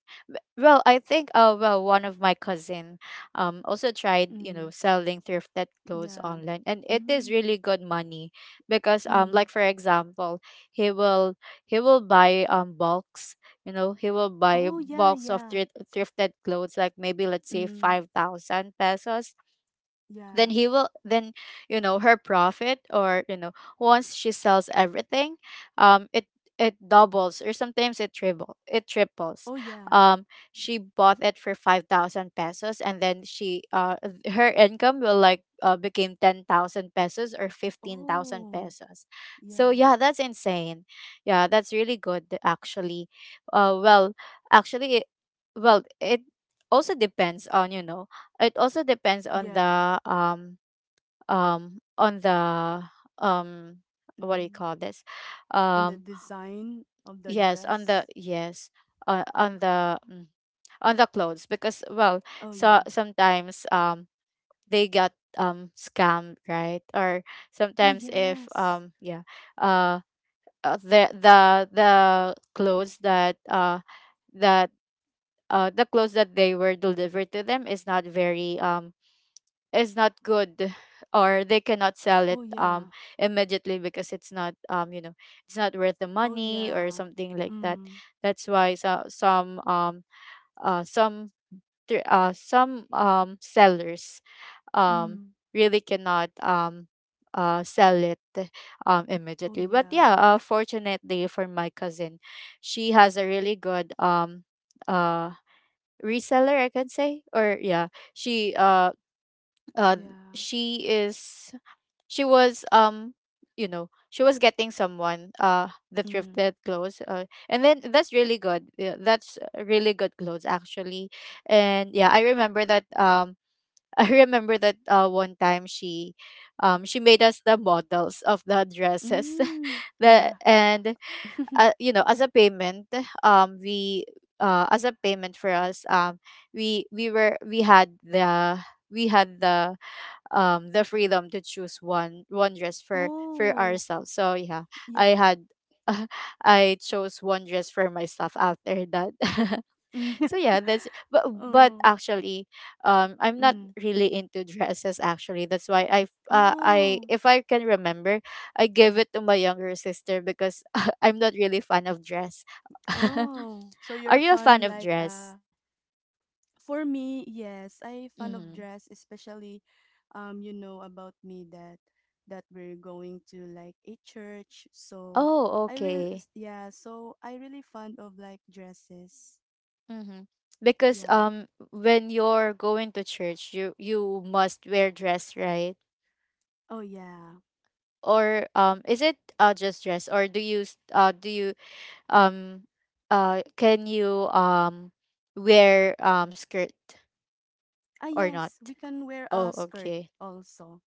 S1: Well, I think, one of my cousin also tried, you
S2: mm,
S1: know, selling thrifted clothes
S2: yeah,
S1: online, and it is
S2: mm,
S1: really good money, because
S2: mm.
S1: like for example, he will he will buy bulks, you know, he will buy a
S2: Oh yeah,
S1: box of
S2: yeah,
S1: thrifted clothes, like maybe let's say
S2: mm,
S1: 5,000 pesos,
S2: yeah.
S1: then he will then you know, her profit, or you know, once she sells everything, it, it doubles, or sometimes it triples.
S2: Oh yeah,
S1: um she bought it for 5,000 pesos, and then she, uh, her income will, like, became 10,000 pesos or 15,000
S2: oh
S1: pesos. So
S2: yeah,
S1: yeah, that's insane. Yeah, that's really good, actually. uh well Actually, well, it also depends on, you know, it also depends on
S2: yeah.
S1: the, on the, um what do you
S2: Mm.
S1: call this,
S2: And the
S1: um
S2: design of the
S1: yes, on the,
S2: dress.
S1: yes,
S2: Um,
S1: on the, mm, on the clothes, because well,
S2: oh yeah.
S1: so sometimes, they got, scammed, right, or
S2: Oh
S1: sometimes if,
S2: yes.
S1: yeah, uh the clothes that that the clothes that they were delivered to them is not very, is not good, or they cannot sell it
S2: Oh yeah.
S1: immediately, because it's not, you know, it's not worth the
S2: Oh
S1: money or
S2: yeah.
S1: something like that.
S2: Mm.
S1: That's why, so, some, some, some, sellers, um
S2: Mm.
S1: really cannot, sell it
S2: Oh
S1: immediately. But yeah,
S2: yeah.
S1: fortunately for my cousin, she has a really good, uh reseller, I can say, or yeah, she uh uh
S2: Yeah.
S1: she is she was, you know, she was getting someone, uh, the thrifted
S2: Mm.
S1: clothes, and then that's really good, yeah, that's really good clothes, actually. And yeah, I remember that, I remember that, one time she, she made us the models of the dresses.
S2: Mm,
S1: the
S2: yeah.
S1: and You know, as a payment, we as a payment for us, we were we had the, the freedom to choose one dress for
S2: Oh,
S1: ourselves. So yeah, I
S2: yeah.
S1: had, I chose one dress for myself after that.
S2: Mm.
S1: So yeah, that's, but
S2: Oh,
S1: actually, I'm not
S2: mm.
S1: really into dresses, actually. That's why I, I
S2: Oh,
S1: if I can remember, I gave it to my younger sister, because I'm not really fan of dress.
S2: oh. So
S1: Are
S2: you're
S1: you a fan
S2: fun
S1: of
S2: like
S1: dress?
S2: for me, yes, I fun of
S1: Mm-hmm.
S2: dress, especially you know about me that we're going to like a church. So
S1: Oh,
S2: I real
S1: okay.
S2: yeah, so I really fond of like dresses.
S1: Mm-hmm. Because,
S2: Yeah.
S1: um, when you're going to church, you must wear dress, right?
S2: Oh yeah.
S1: Or, um, is it, uh, just dress, or do you, do you, um can you, wear, skirt
S2: Ah
S1: or not?
S2: yes, we can wear a
S1: Oh,
S2: skirt
S1: okay.
S2: also.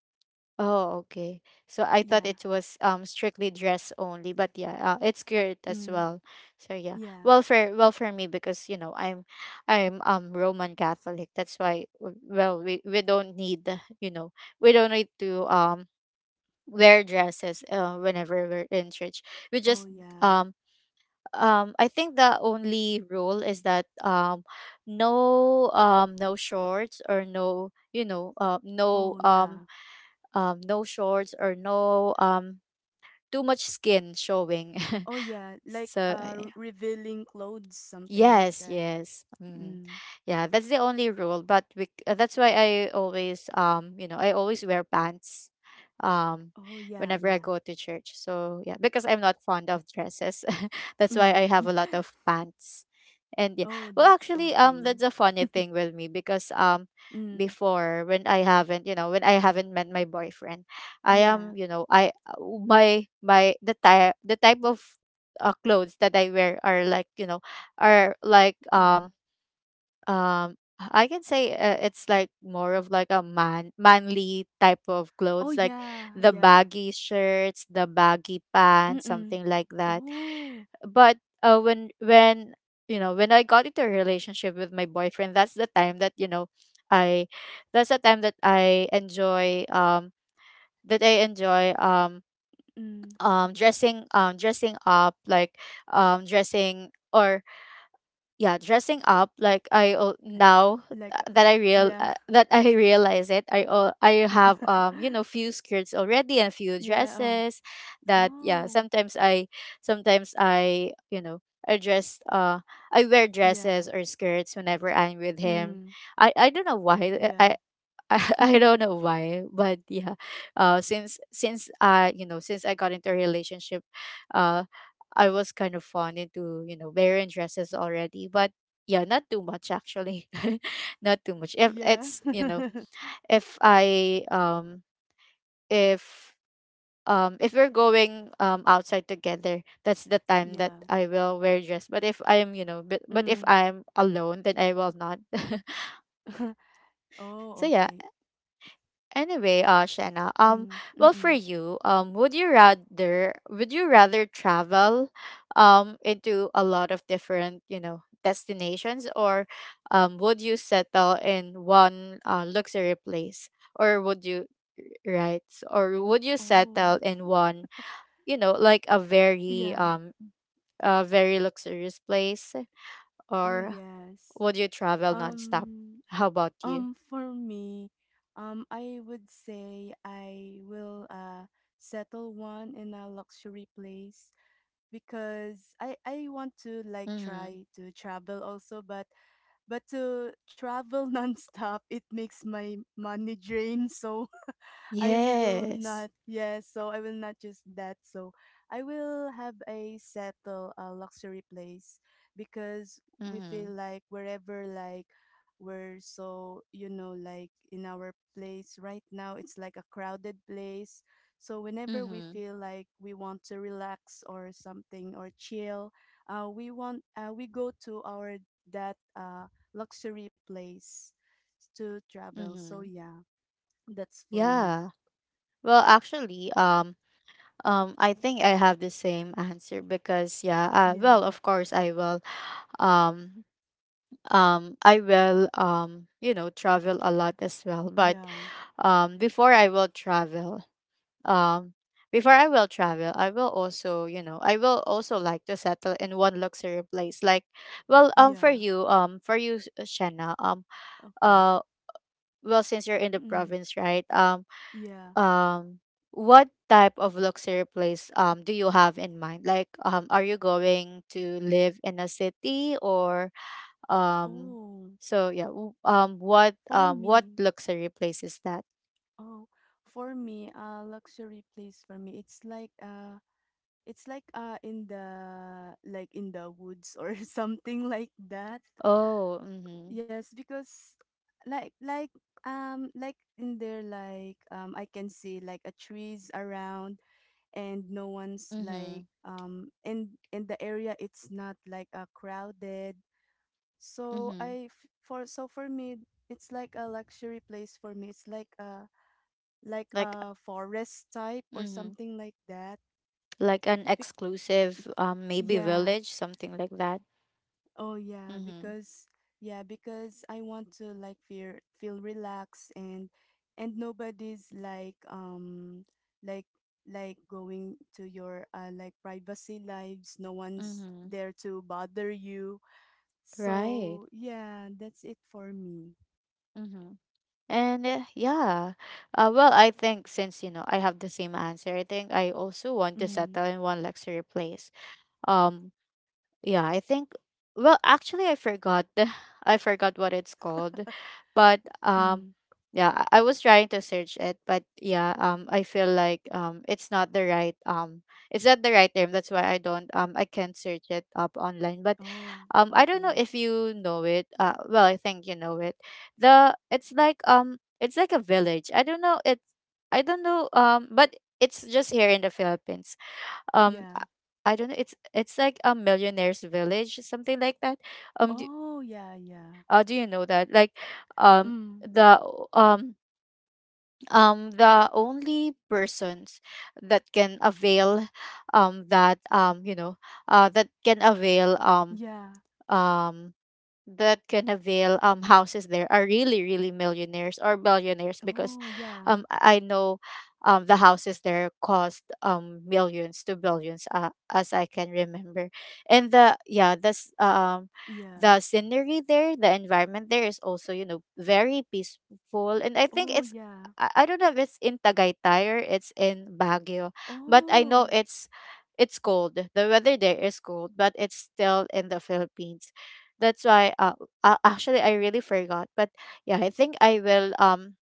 S1: Oh, okay. So I thought
S2: Yeah.
S1: it was, um, strictly dress only, but yeah, it's good as
S2: Mm,
S1: well. So yeah,
S2: yeah.
S1: well, for me, because you know, I'm, um, Roman Catholic. That's why, well, we don't need, you know, we don't need to, um, wear dresses, whenever we're in church. We
S2: Oh
S1: just,
S2: yeah.
S1: um, um, I think the only rule is that, um, no, um, no shorts, or no, you know, no,
S2: Oh
S1: um,
S2: yeah.
S1: no shorts, or no, too much skin showing.
S2: Oh yeah. Like
S1: So
S2: revealing clothes, something like
S1: yes,
S2: that.
S1: yes. Mm.
S2: Mm.
S1: Yeah, that's the only rule. But we, that's why I always, you know, I always wear pants, um,
S2: Oh yeah,
S1: whenever I
S2: yeah.
S1: go to church. So yeah, because I'm not fond of dresses, that's why I
S2: Mm.
S1: have a lot of pants. And yeah,
S2: Oh,
S1: well,
S2: that's
S1: actually,
S2: okay.
S1: that's a funny thing with me because,
S2: Mm.
S1: before when I haven't, you know, when I haven't met my boyfriend, I
S2: Yeah.
S1: am, you know, I, my my the type of, clothes that I wear are, like, you know, or like,
S2: Yeah.
S1: um, um, I can say, it's like more of like a manly type of
S2: Oh
S1: clothes, like
S2: yeah,
S1: the
S2: yeah.
S1: baggy shirts, the baggy pants,
S2: Mm-mm.
S1: something like that.
S2: Oh.
S1: But, when, you know, when I got into a relationship with my boyfriend, that's the time that, you know, I that's the time that I enjoy, that I enjoy um
S2: Mm.
S1: dressing, dressing up, like, dressing or yeah, dressing up like
S2: Like
S1: now,
S2: like, yeah.
S1: that I, realize it, I have, um, you know, few skirts already, and few
S2: Yeah.
S1: dresses. That Yeah,
S2: Oh.
S1: sometimes I sometimes I, you know, i dress uh I wear dresses
S2: Yeah.
S1: or skirts whenever I'm with him.
S2: Mm.
S1: I don't know why
S2: Yeah.
S1: I, I don't know why, but yeah, since I, you know, since I got into a relationship, uh, I was kind of fond into, you know, wearing dresses already, but yeah, not too much, actually, not too much. If
S2: Yeah.
S1: it's, you know, if I if um, if we're going, um, outside together, that's the time that
S2: Yeah.
S1: I will wear dress. But if I'm, you know, but if
S2: Mm.
S1: I'm alone, then I will not. So
S2: Oh,
S1: yeah.
S2: okay.
S1: Anyway, Shanna,
S2: Mm, mm,
S1: well, for
S2: mm.
S1: you, would you rather travel, into a lot of different, you know, destinations, or, would you settle in one, luxury place, or would you, right, or would you settle
S2: Oh,
S1: in one, you know, like
S2: yeah.
S1: a very luxurious place,
S2: Oh,
S1: or
S2: yes.
S1: would you travel nonstop?
S2: Um,
S1: How about you?
S2: for me, I would say I will settle one in a luxury place because I want to like
S1: Mm-hmm.
S2: try to travel also, but to travel nonstop, it makes my money drain so I will
S1: Yes.
S2: not, yes, so I will not just that. So I will have a settle a luxury place because we
S1: Mm-hmm.
S2: feel like wherever like we're so, you know, like in our place right now, it's like a crowded place. So whenever we
S1: Mm-hmm.
S2: feel like we want to relax or something or chill, we go to our that luxury place to travel. So
S1: Mm-hmm.
S2: yeah, that's for me.
S1: Yeah. Well, actually, I think I have the same answer, because yeah, well,
S2: Yeah,
S1: of course I will, um, you know, travel a lot as well. But,
S2: yeah,
S1: before I will travel, um, before I will travel, I will also, you know, I will also like to settle in one luxury place. Like, well,
S2: yeah.
S1: for you, Shanna,
S2: Okay.
S1: uh, well, since you're in the
S2: Mm,
S1: province, right?
S2: yeah.
S1: Um what type of luxury place do you have in mind, like are you going to live in a city or um
S2: Oh, for
S1: what
S2: me,
S1: luxury place is that?
S2: oh, for me, a luxury place for me. It's like in the in the woods or something like that.
S1: Oh. Mhm.
S2: Yes, because like like like in there like I can see like a trees around and no one's like
S1: Mhm.
S2: in the area, it's not like crowded. So
S1: Mhm.
S2: I f- for so for me it's like a luxury place for me. It's like
S1: Like,
S2: a forest type or
S1: mhm,
S2: something like that.
S1: like an
S2: Be-
S1: exclusive maybe
S2: yeah.
S1: village, something like that.
S2: Oh
S1: Mhm.
S2: yeah, because I want to like feel feel relaxed and nobody's like like going to your like privacy lives. No one's
S1: Mhm.
S2: there to bother you.
S1: Right.
S2: So yeah, that's it for me.
S1: Mhm. And yeah, well, I think since you know I have the same answer, I think I also want to
S2: Mm.
S1: settle in one luxury place. Um, yeah, I think, well actually I forgot the I forgot what it's called. But
S2: Mm.
S1: yeah, I was trying to search it, but yeah, I feel like it's not the right it's not the right term. That's why I don't I can't search it up online. But
S2: Oh,
S1: I don't know
S2: okay.
S1: if you know it. Well, I think you know it. The it's like a village. I don't know, it's, I don't know, but it's just here in the Philippines. um
S2: Yeah.
S1: i I don't know, it's like a millionaire's village, something like that. um do,
S2: Oh, yeah, yeah.
S1: do you know that like um
S2: Mm,
S1: the o- um the only persons that can avail that that can avail
S2: yeah.
S1: um that Canaville houses there are really really millionaires or billionaires, because
S2: Oh, yeah.
S1: I know the houses there cost millions to billions, as I can remember. And the yeah that's um the
S2: Yeah.
S1: scenery there, the environment there is also, you know, very peaceful, and I think
S2: Oh,
S1: it's,
S2: yeah.
S1: I don't know if it's in Tagaytay or it's in Baguio, but I know
S2: Oh,
S1: it's cold. The weather there is cold, but it's still in the Philippines. That's why actually, I really forgot. But yeah, I think I will,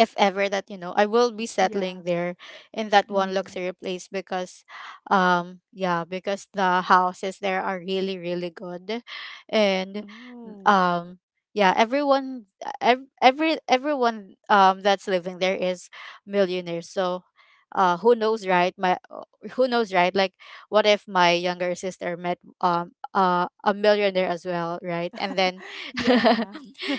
S1: if ever that you know, I will be settling
S2: yeah.
S1: there in that one
S2: Mm.
S1: luxury place, because yeah, because the houses there are really really good. And
S2: Oh.
S1: um yeah, everyone, everyone that's living there is millionaires, so who knows, right? my Who knows, right? Like, what if my younger sister met a millionaire as well, right? And then
S2: Yeah.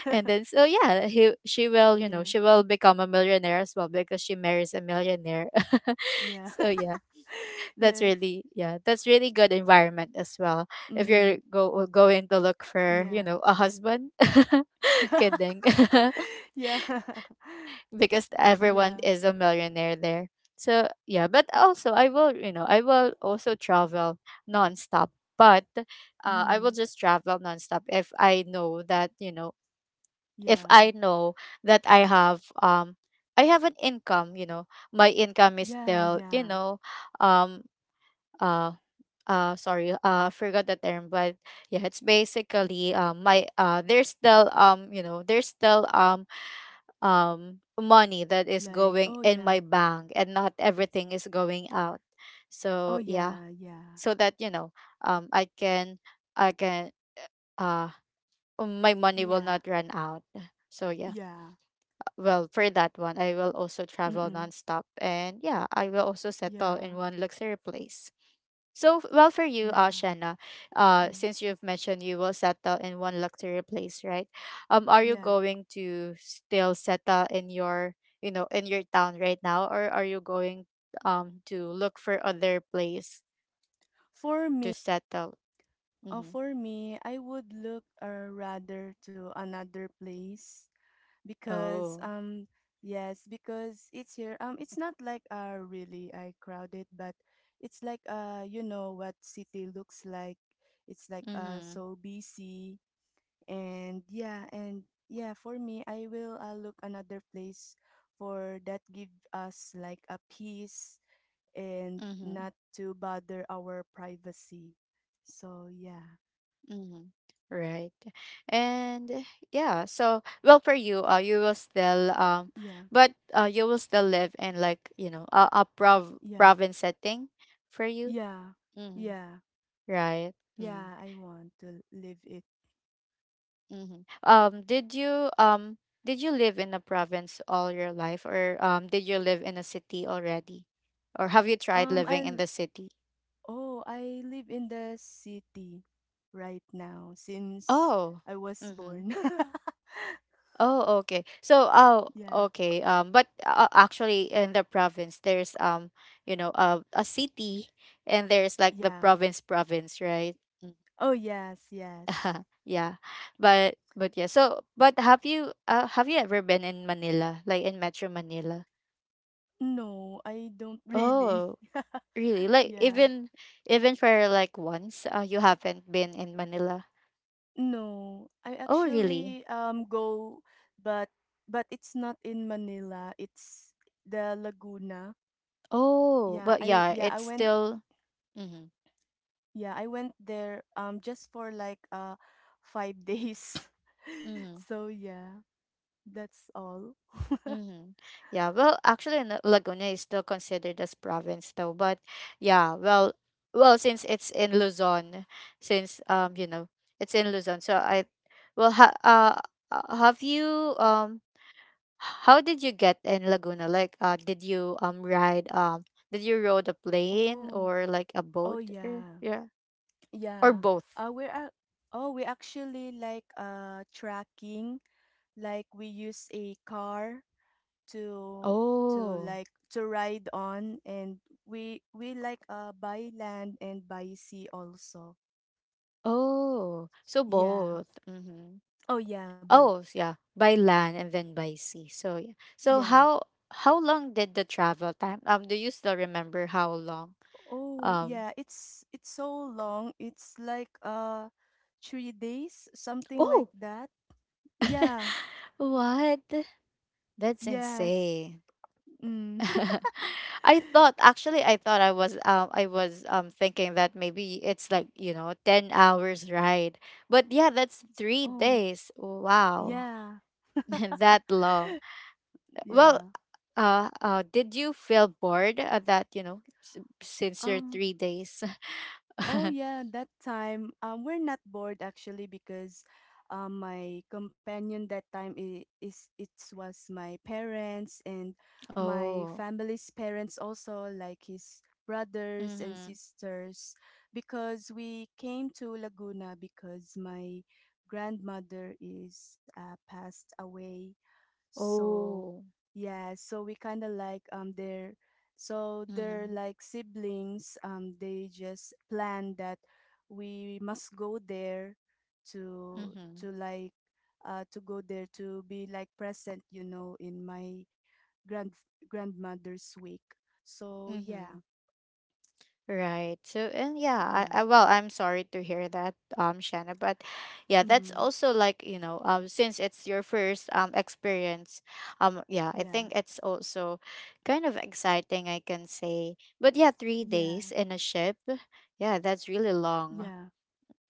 S1: and then, so yeah, he she will, you know,
S2: Yeah.
S1: she will become a millionaire as well, because she marries a millionaire.
S2: Yeah.
S1: So yeah, that's
S2: Yes.
S1: really, yeah, that's really good environment as well, if you're
S2: Mm.
S1: go going to look for, you know,
S2: Yeah.
S1: a husband. Kidding.
S2: Yeah.
S1: Because everyone
S2: Yeah.
S1: is a millionaire there. So yeah, but also I will, you know, I will also travel nonstop, but I will
S2: Mm.
S1: just travel nonstop if I know that, you know, if
S2: Yeah.
S1: I know that I have an income. You know, my income is
S2: Yeah,
S1: still, you
S2: yeah.
S1: know, um uh sorry, I forgot the term, but yeah, it's basically my there's still, you know, there's still money that is
S2: Like,
S1: going
S2: oh,
S1: in
S2: yeah.
S1: my bank and not everything is going out.
S2: Oh,
S1: So yeah,
S2: yeah, yeah.
S1: so that, you know, I can, I can, uh my money will
S2: Yeah.
S1: not run out. So yeah.
S2: Yeah.
S1: Well, for that one, I will also travel
S2: Mm-mm.
S1: nonstop. And yeah, I will also settle in
S2: Yeah.
S1: one luxury place. So, well, for you,
S2: Yeah.
S1: Shanna,
S2: Mm,
S1: since you've mentioned you will settle in one luxury place, right? Are you
S2: yeah.
S1: going to still settle in your, you know, in your town right now, or are you going to look for other place
S2: For
S1: to
S2: me,
S1: settle? Mm-hmm.
S2: for me, I would look rather to another place because
S1: Oh.
S2: yes, because it's here. It's not like really I crowded, but it's like you know what city looks like. It's like
S1: Mm-hmm.
S2: so busy and yeah, for me I will look another place for that give us like a peace and
S1: Mm-hmm.
S2: not to bother our privacy. So yeah,
S1: Mm-hmm. Right. And yeah, so well, for you, you will still
S2: yeah,
S1: but you will still live in like, you know, a
S2: yeah,
S1: province setting for you.
S2: yeah,
S1: Mm-hmm.
S2: yeah,
S1: Right. Mm-hmm.
S2: yeah. I want to live it.
S1: Mm-hmm. Um, did you live in a province all your life, or did you live in a city already? Or have you tried
S2: Um, I
S1: living in
S2: l-
S1: the city?
S2: oh, I live in the city right now since
S1: Oh.
S2: I was
S1: Mm-hmm.
S2: born.
S1: Oh, okay. So, oh,
S2: Yeah,
S1: okay. But actually, in the province, there's you know, a city, and there's like the
S2: yeah.
S1: province, province, right?
S2: Oh yes,
S1: Mm.
S2: yes.
S1: Yeah, but yeah. So, but have you ever been in Manila, like in Metro Manila?
S2: No, I don't really.
S1: Oh, really? Like
S2: Yeah.
S1: even, even for like once, you haven't been in Manila.
S2: No, I
S1: Oh,
S2: actually
S1: really?
S2: go but but it's not in Manila. It's the Laguna.
S1: Oh,
S2: Yeah,
S1: but
S2: I
S1: yeah,
S2: yeah, I
S1: it's
S2: went
S1: still. Mm-hmm.
S2: yeah, I went there just for like 5 days.
S1: Mm-hmm.
S2: So yeah, that's all.
S1: Mm-hmm. Yeah, well, actually, Laguna is still considered as province, though. But yeah, well, well, since it's in Luzon, since you know, it's in Luzon, so I, well, have you how did you get in Laguna? Like, did you ride did you rode a plane
S2: Oh.
S1: or like a
S2: Oh
S1: boat? Or,
S2: yeah.
S1: yeah, or
S2: Yeah.
S1: both.
S2: Uh we're ac- oh, we actually like tracking, we use a car to
S1: Oh,
S2: like to ride on, and we like by land and by sea also.
S1: oh, so
S2: Yeah.
S1: both. Mm-hmm.
S2: Oh yeah, boat.
S1: Oh, yeah, by land and then by sea. So yeah. So
S2: Yeah.
S1: how long did the travel time? Do you still remember how long?
S2: Oh
S1: Um,
S2: yeah, it's so long, it's like 3 days, something like
S1: oh,
S2: that. Yeah,
S1: what? That's
S2: yes.
S1: insane.
S2: Mm.
S1: I thought, actually I thought I was thinking that maybe it's like, you know, 10 hours ride. But yeah, that's 3
S2: Oh
S1: days. Wow.
S2: yeah,
S1: That long. Well,
S2: yeah.
S1: did you feel bored at that, you know, since your
S2: um
S1: 3 days?
S2: Oh yeah, that time we're not bored actually because my companion that time I- is it was my parents and my
S1: Oh.
S2: family's parents also, like his brothers and
S1: Mhm.
S2: sisters, because we came to Laguna because my grandmother is passed away. So
S1: Oh.
S2: yeah, so we kind of like they're
S1: Mhm.
S2: like siblings. They just plan that we must go there to
S1: Mhm.
S2: to like to go there to be like present, you know, in my grand grandmother's wake. So
S1: Mhm.
S2: yeah,
S1: Right. So and yeah,
S2: yeah,
S1: I well, I'm sorry to hear that, Shanna, but yeah, that's
S2: mm,
S1: also like, you know, since it's your first experience, yeah, I
S2: yeah,
S1: think it's also kind of exciting, I can say. But yeah, three
S2: yeah,
S1: days in a ship, yeah, that's really long.
S2: yeah,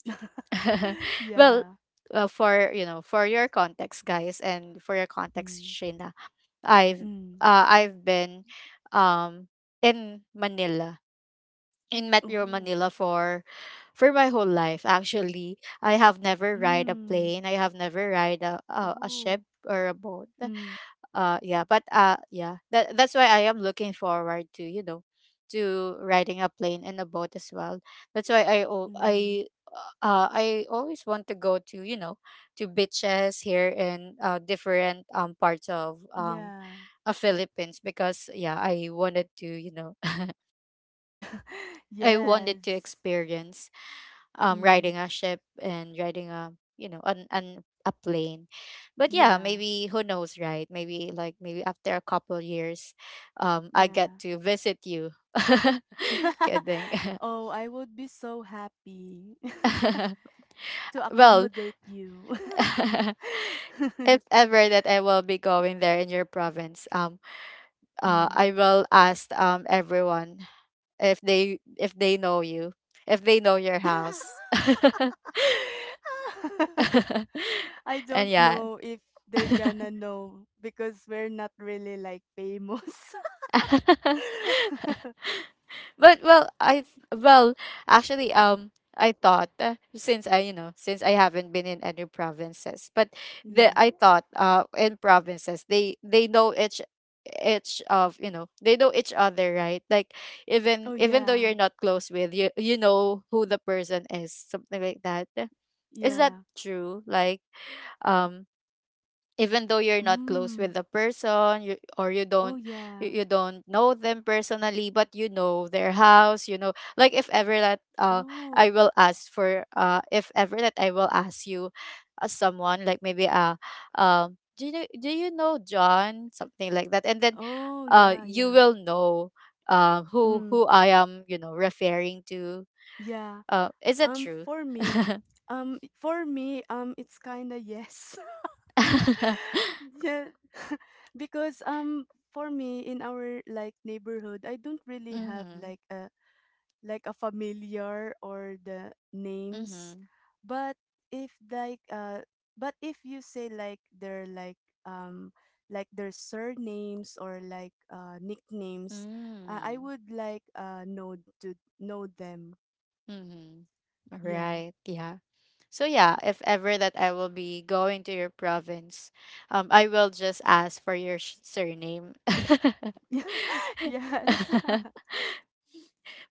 S1: Well,
S2: yeah.
S1: for you know, for your context, guys, and for your context,
S2: Mm.
S1: Shane, I've
S2: Mm.
S1: I've been um in Manila, in Metro Manila
S2: Oh.
S1: for my whole life actually. I have never ride a
S2: Mm.
S1: plane. I have never ride a
S2: Oh.
S1: ship or a boat.
S2: Mm,
S1: Yeah, but yeah. That, that's why I am looking forward to, you know, to riding a plane and a boat as well. That's why I al-
S2: mm,
S1: I always want to go to, you know, to beaches here in different parts of
S2: yeah.
S1: Philippines, because yeah, I wanted to, you know, I wanted
S2: Yes.
S1: to experience riding
S2: Mm,
S1: a ship and riding a, you know, an a plane. But yeah,
S2: yeah.
S1: maybe who knows, right? Maybe like maybe after a couple years, I get
S2: Yeah.
S1: to visit you. Kidding.
S2: Oh, I would be so happy to
S1: Well,
S2: accommodate you.
S1: if ever that I will be going there in your province,
S2: Mm.
S1: I will ask everyone if they know you, if they know your house.
S2: I don't
S1: And yeah.
S2: know if they're gonna know because we're not really like famous.
S1: But well, i, well, actually, I thought, since i, you know, since I haven't been in any provinces, but the I
S2: Yeah.
S1: thought in provinces they know each of, you know, they know each other, right? Like, even,
S2: Oh,
S1: even though you're
S2: yeah.
S1: not close with, you know who the person is, something like that. Is that
S2: Yeah.
S1: true? Like, um even though you're not close with
S2: Mm.
S1: the person, you, or you
S2: Oh,
S1: don't,
S2: yeah.
S1: you don't know them personally, but you know their house. You know, like if ever that I
S2: Oh,
S1: will ask for, if ever that I will ask you, someone, like maybe do you know John, something like that, and then
S2: oh, yeah,
S1: you
S2: yeah.
S1: will know who
S2: Mm,
S1: who I am, you know, referring to.
S2: yeah.
S1: Is that
S2: Um,
S1: true?
S2: for me, for me, it's kinda yes. Yeah, because for me in our like neighborhood, I don't really have
S1: Mm-hmm.
S2: like a familiar or the names,
S1: Mm-hmm.
S2: but if like uh if you say like their um like their surnames or like nicknames, I
S1: Mm.
S2: would like know to know them.
S1: Mm-hmm. All
S2: Yeah.
S1: right. Yeah. So yeah, if ever that I will be going to your province, I will just ask for your surname.
S2: Yes.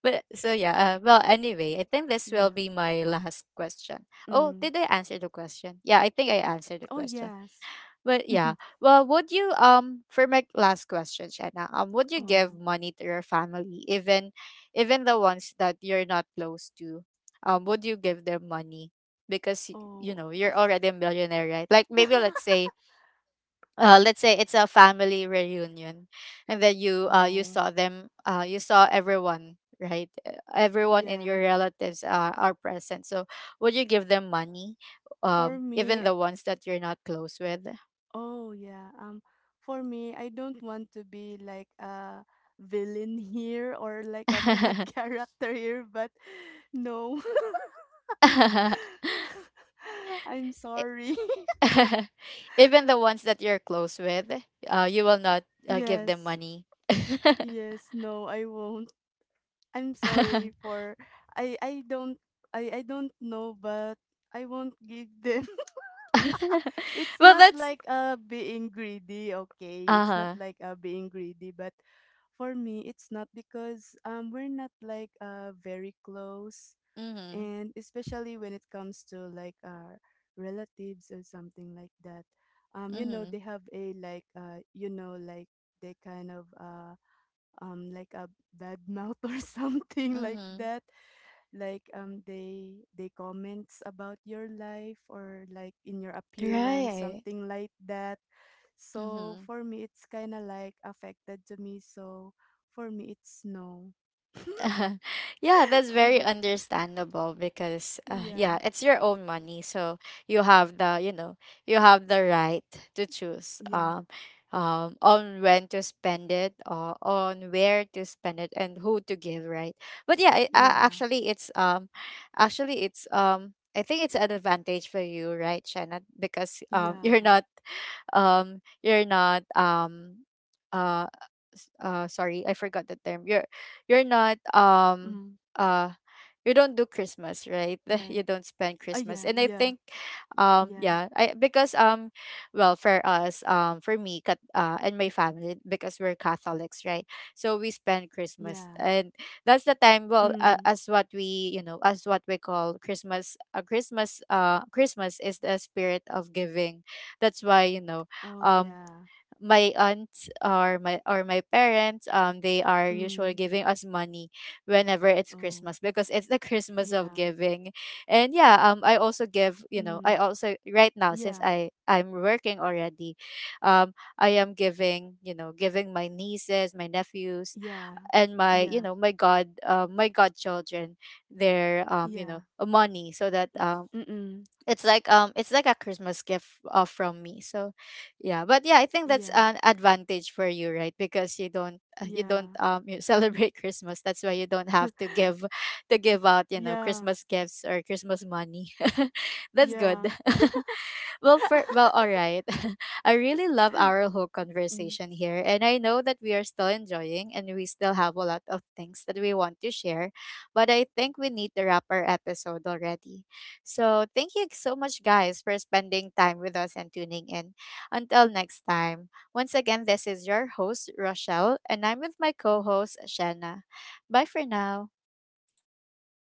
S1: But so yeah. Well, anyway, I think this will
S2: Yeah.
S1: be my last question. Oh,
S2: Mm.
S1: did I answer the question? Yeah, I think I answered the
S2: Oh
S1: question.
S2: yes.
S1: But yeah, well, would you for my last question, Shanna, would you give
S2: Oh.
S1: money to your family, even, even the ones that you're not close to, would you give them money, because you
S2: Oh.
S1: know, you're already a millionaire, right? Like maybe let's say it's a family reunion, and then you you
S2: Oh
S1: saw them, you saw everyone, right? Everyone in
S2: yeah.
S1: your relatives are present. So would you give them money,
S2: for
S1: even
S2: me
S1: the ones that you're not close with?
S2: Oh yeah. I don't want to be like a villain here or like a bad character here, but no. I'm sorry.
S1: Even the ones that you're close with, you will not, give them
S2: Yes.
S1: money.
S2: Yes, no, I won't. I'm sorry for I I don't I don't know, but I won't give them. It's
S1: Well,
S2: not
S1: that's,
S2: like being greedy, okay,
S1: uh
S2: it's not
S1: huh.
S2: like being greedy, but for me it's not because we're not like very close,
S1: Mhm.
S2: and especially when it comes to like our relatives or something like that. You know,
S1: Mhm.
S2: they have a like they kind of like a bad mouth or something like
S1: Mhm.
S2: that. Like they comments about your life or like in your appearance,
S1: Right.
S2: something like that. So
S1: Mhm.
S2: for me it's kind of like affected to me, so for me it's no.
S1: Yeah, that's very understandable, because
S2: Yeah,
S1: yeah, it's your own money, so you have the, you know, you have the right to choose
S2: yeah,
S1: on when to spend it, or on where to spend it, and who to give, right. But yeah, it,
S2: yeah,
S1: actually it's I think it's an advantage for you, right, Shannon? Because
S2: yeah.
S1: you're not uh sorry, I forgot the term, you're not
S2: Mm.
S1: uh you don't do Christmas,
S2: Like,
S1: right? You don't
S2: oh
S1: spend
S2: yeah,
S1: Christmas,
S2: yeah,
S1: and I think
S2: yeah,
S1: yeah, I because well, for us, for me, cat and my family, because we're Catholics, right, so we spend
S2: yeah.
S1: Christmas, and that's the time, well,
S2: Mm.
S1: as what we, you know, as what we call Christmas, Christmas is the spirit of giving. That's why, you know,
S2: Oh
S1: um
S2: yeah.
S1: my aunts or my, or my parents, they are usually
S2: Mm.
S1: giving us money whenever it's
S2: Oh
S1: Christmas, because it's the Christmas of
S2: yeah.
S1: giving. And yeah, I also give, you know,
S2: Mm,
S1: I also right now, since
S2: yeah,
S1: I'm working already, um I am giving, you know, giving my nieces, my nephews
S2: yeah,
S1: and my, you
S2: yeah,
S1: know, my godchildren their you
S2: yeah.
S1: know, money, so that
S2: Mm-mm,
S1: it's like a Christmas gift, from me. So yeah, but yeah, I think that's
S2: yeah,
S1: an advantage for you, right? Because you don't, you
S2: yeah.
S1: don't, you celebrate Christmas, that's why you don't have to give, to give out, you know,
S2: Yeah,
S1: Christmas gifts or Christmas money. That's
S2: yeah.
S1: good. Well, for well, all right. I really love our whole
S2: Mm.
S1: conversation here, and I know that we are still enjoying, and we still have a lot of things that we want to share. But I think we need to wrap our episode already. So thank you so much, guys, for spending time with us and tuning in. Until next time. Once again, this is your host Rochelle, and I'm with my co-host Shanna. Bye for now.
S2: Bye, everyone.